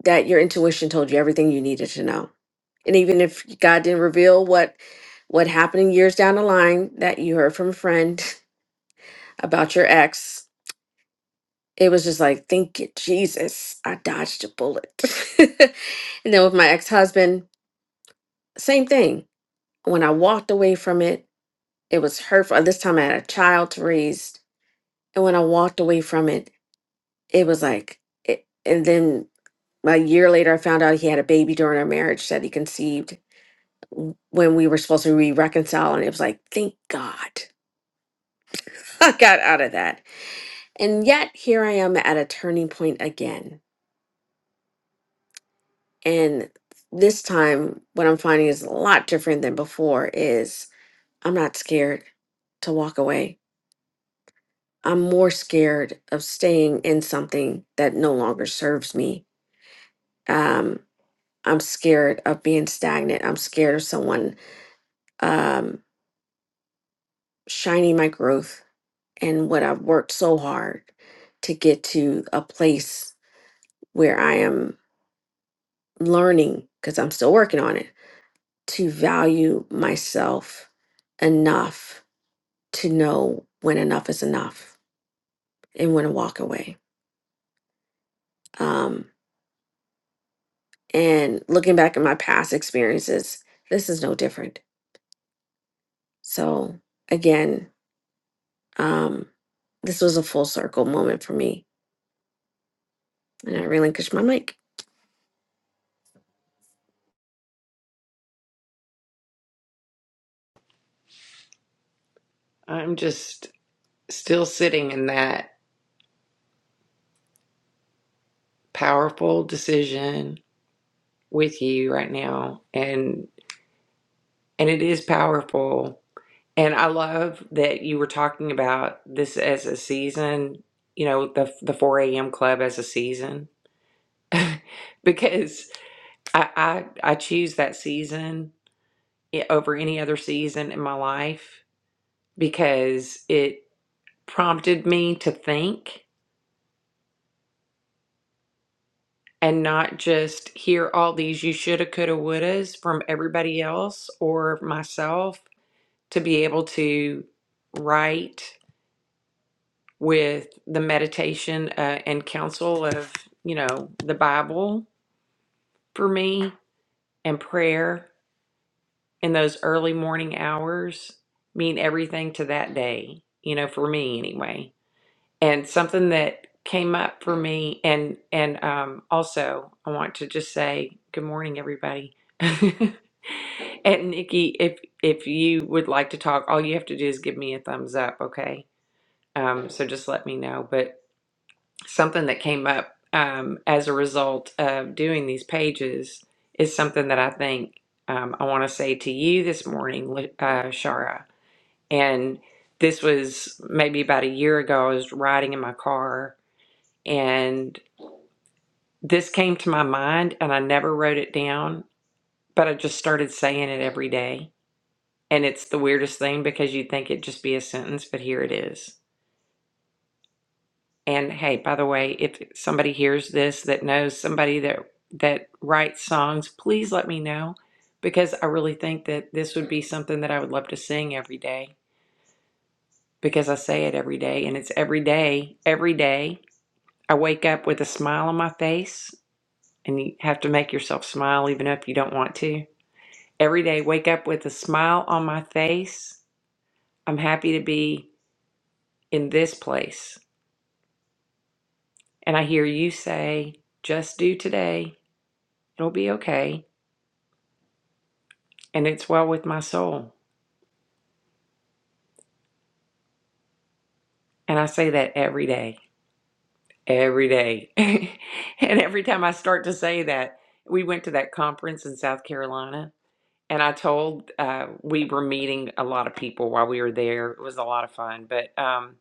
that your intuition told you everything you needed to know. And even if God didn't reveal what what happened years down the line that you heard from a friend about your ex, it was just like, thank you, Jesus, I dodged a bullet. and then with my ex-husband, Same thing. When I walked away from it, it was hurtful. This time I had a child to raise. And when I walked away from it, it was like, it, and then a year later, I found out he had a baby during our marriage that he conceived w- when we were supposed to re reconcile. And it was like, thank God I got out of that. And yet here I am at a turning point again. And this time, what I'm finding is a lot different than before is I'm not scared to walk away. I'm more scared of staying in something that no longer serves me. Um, I'm scared of being stagnant. I'm scared of someone um, shining my growth and what I've worked so hard to get to a place where I am learning, because I'm still working on it, to value myself enough to know when enough is enough and when to walk away. Um, And looking back at my past experiences, this is no different. So, again, um, this was a full circle moment for me. And I relinquished my mic.
I'm just still sitting in that powerful decision with you right now, and and it is powerful And I love that you were talking about this as a season, you know, the the 4 a.m. club as a season, because I, I I choose that season i- over any other season in my life because it prompted me to think and not just hear all these you shoulda, coulda, wouldas from everybody else or myself to be able to write with the meditation uh, and counsel of, you know, the Bible for me and prayer in those early morning hours mean everything to that day, you know, for me anyway. And something that came up for me and and um also I want to just say good morning everybody. and Nikki, if if you would like to talk, all you have to do is give me a thumbs up, okay? Um so just let me know. something that came up um, as a result of doing these pages is something that I think um, I want to say to you this morning, Li- uh, Shara. And this was maybe about a year ago. I was riding in my car and this came to my mind, and I never wrote it down, but I just started saying it every day. And it's the weirdest thing because you'd think it'd just be a sentence, but here it is. And hey, by the way, if somebody hears this that knows somebody that that writes songs, please let me know because I really think that this would be something that I would love to sing every day because I say it every day and it's every day, every day. I wake up with a smile on my face and you have to make yourself smile even if you don't want to. Every day wake up with a smile on my face. I'm happy to be in this place. And I hear you say, just do today. It'll be okay and it's well with my soul. And I say that every day, every day. and every time I start to say that, we went to that conference in South Carolina, and I told uh, we were meeting a lot of people while we were there. It was a lot of fun, but um,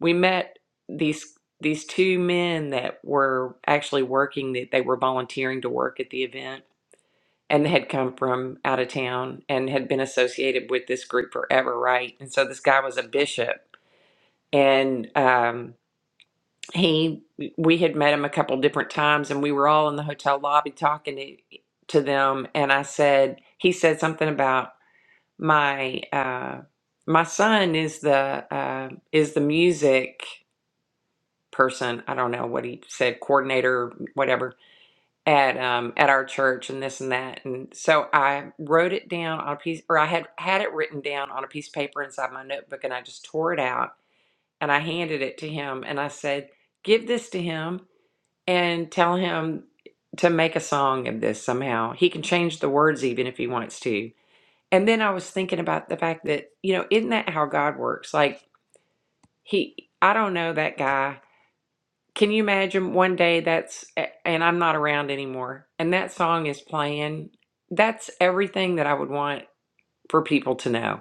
we met these these two men that were actually working that they were volunteering to work at the event and they had come from out of town and had been associated with this group forever right and so this guy was a bishop and um, he we had met him a couple different times and we were all in the hotel lobby talking to, to them and i said he said something about my uh, my son is the uh, is the music person i don't know what he said coordinator whatever at um at our church and this and that and so i wrote it down on a piece or i had had it written down on a piece of paper inside my notebook and i just tore it out and I handed it to him and I said, Give this to him and tell him to make a song of this somehow. He can change the words even if he wants to. And then I was thinking about the fact that, you know, isn't that how God works? Like, he, I don't know that guy. Can you imagine one day that's, and I'm not around anymore, and that song is playing? That's everything that I would want for people to know.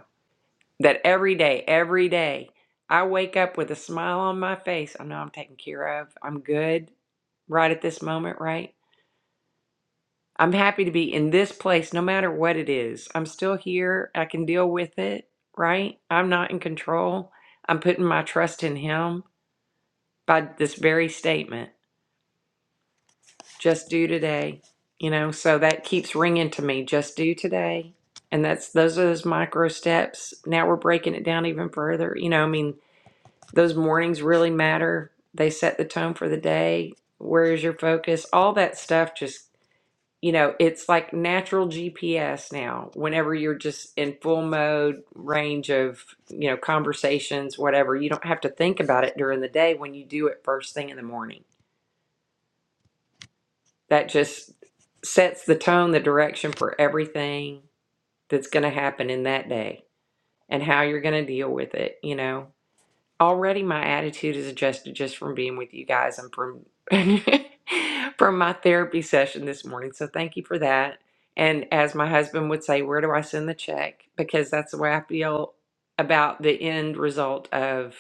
that every day, every day, I wake up with a smile on my face. I know I'm taken care of. I'm good right at this moment, right? I'm happy to be in this place no matter what it is. I'm still here. I can deal with it, right? I'm not in control. I'm putting my trust in Him by this very statement just do today. You know, so that keeps ringing to me just do today. And that's those are those micro steps. Now we're breaking it down even further. You know, I mean, Those mornings really matter. They set the tone for the day. Where is your focus? All that stuff just, you know, it's like natural GPS now. Whenever you're just in full mode, range of, you know, conversations, whatever, you don't have to think about it during the day when you do it first thing in the morning. That just sets the tone, the direction for everything that's going to happen in that day and how you're going to deal with it, you know. already my attitude is adjusted just from being with you guys and from from my therapy session this morning so thank you for that and as my husband would say where do i send the check because that's the way i feel about the end result of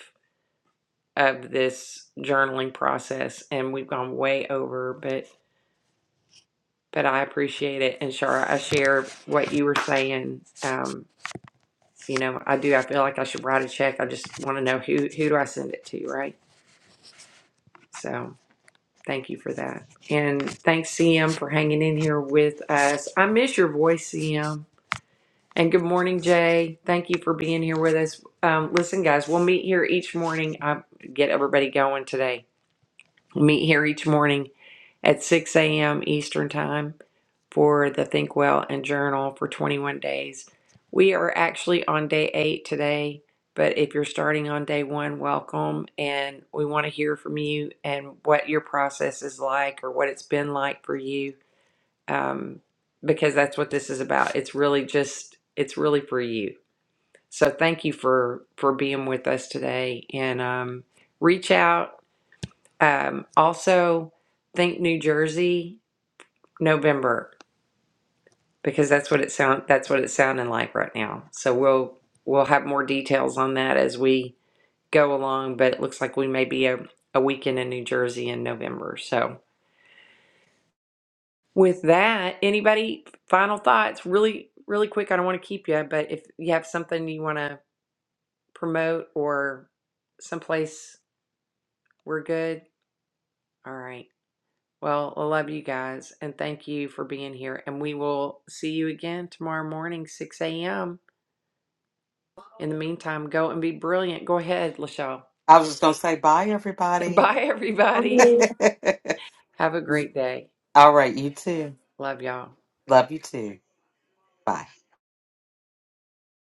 of this journaling process and we've gone way over but but i appreciate it and Shara, i share what you were saying um you know i do i feel like i should write a check i just want to know who who do i send it to right so Thank you for that. And thanks, CM, for hanging in here with us. I miss your voice, CM. And good morning, Jay. Thank you for being here with us. Um, listen, guys, we'll meet here each morning. I get everybody going today meet here each morning at 6 a.m. Eastern Time for the Think Well and Journal for 21 days. We are actually on day eight today, but if you're starting on day one, welcome. And we want to hear from you and what your process is like or what it's been like for you, um, because that's what this is about. It's really just, it's really for you. So thank you for for being with us today, and um, reach out um, also, think New Jersey, November, because that's what it sound that's what it's sounding like right now. So we'll we'll have more details on that as we go along. But it looks like we may be a, a weekend in New Jersey in November. So with that, anybody final thoughts? Really, really quick. I don't want to keep you, but if you have something you want to promote or someplace we're good. All right. Well, I love you guys and thank you for being here. And we will see you again tomorrow morning, 6 a.m. In the meantime, go and be brilliant. Go ahead, Lachelle.
I was just going to say bye, everybody.
Bye, everybody. Have a great day.
All right, you too.
Love y'all.
Love you too. Bye.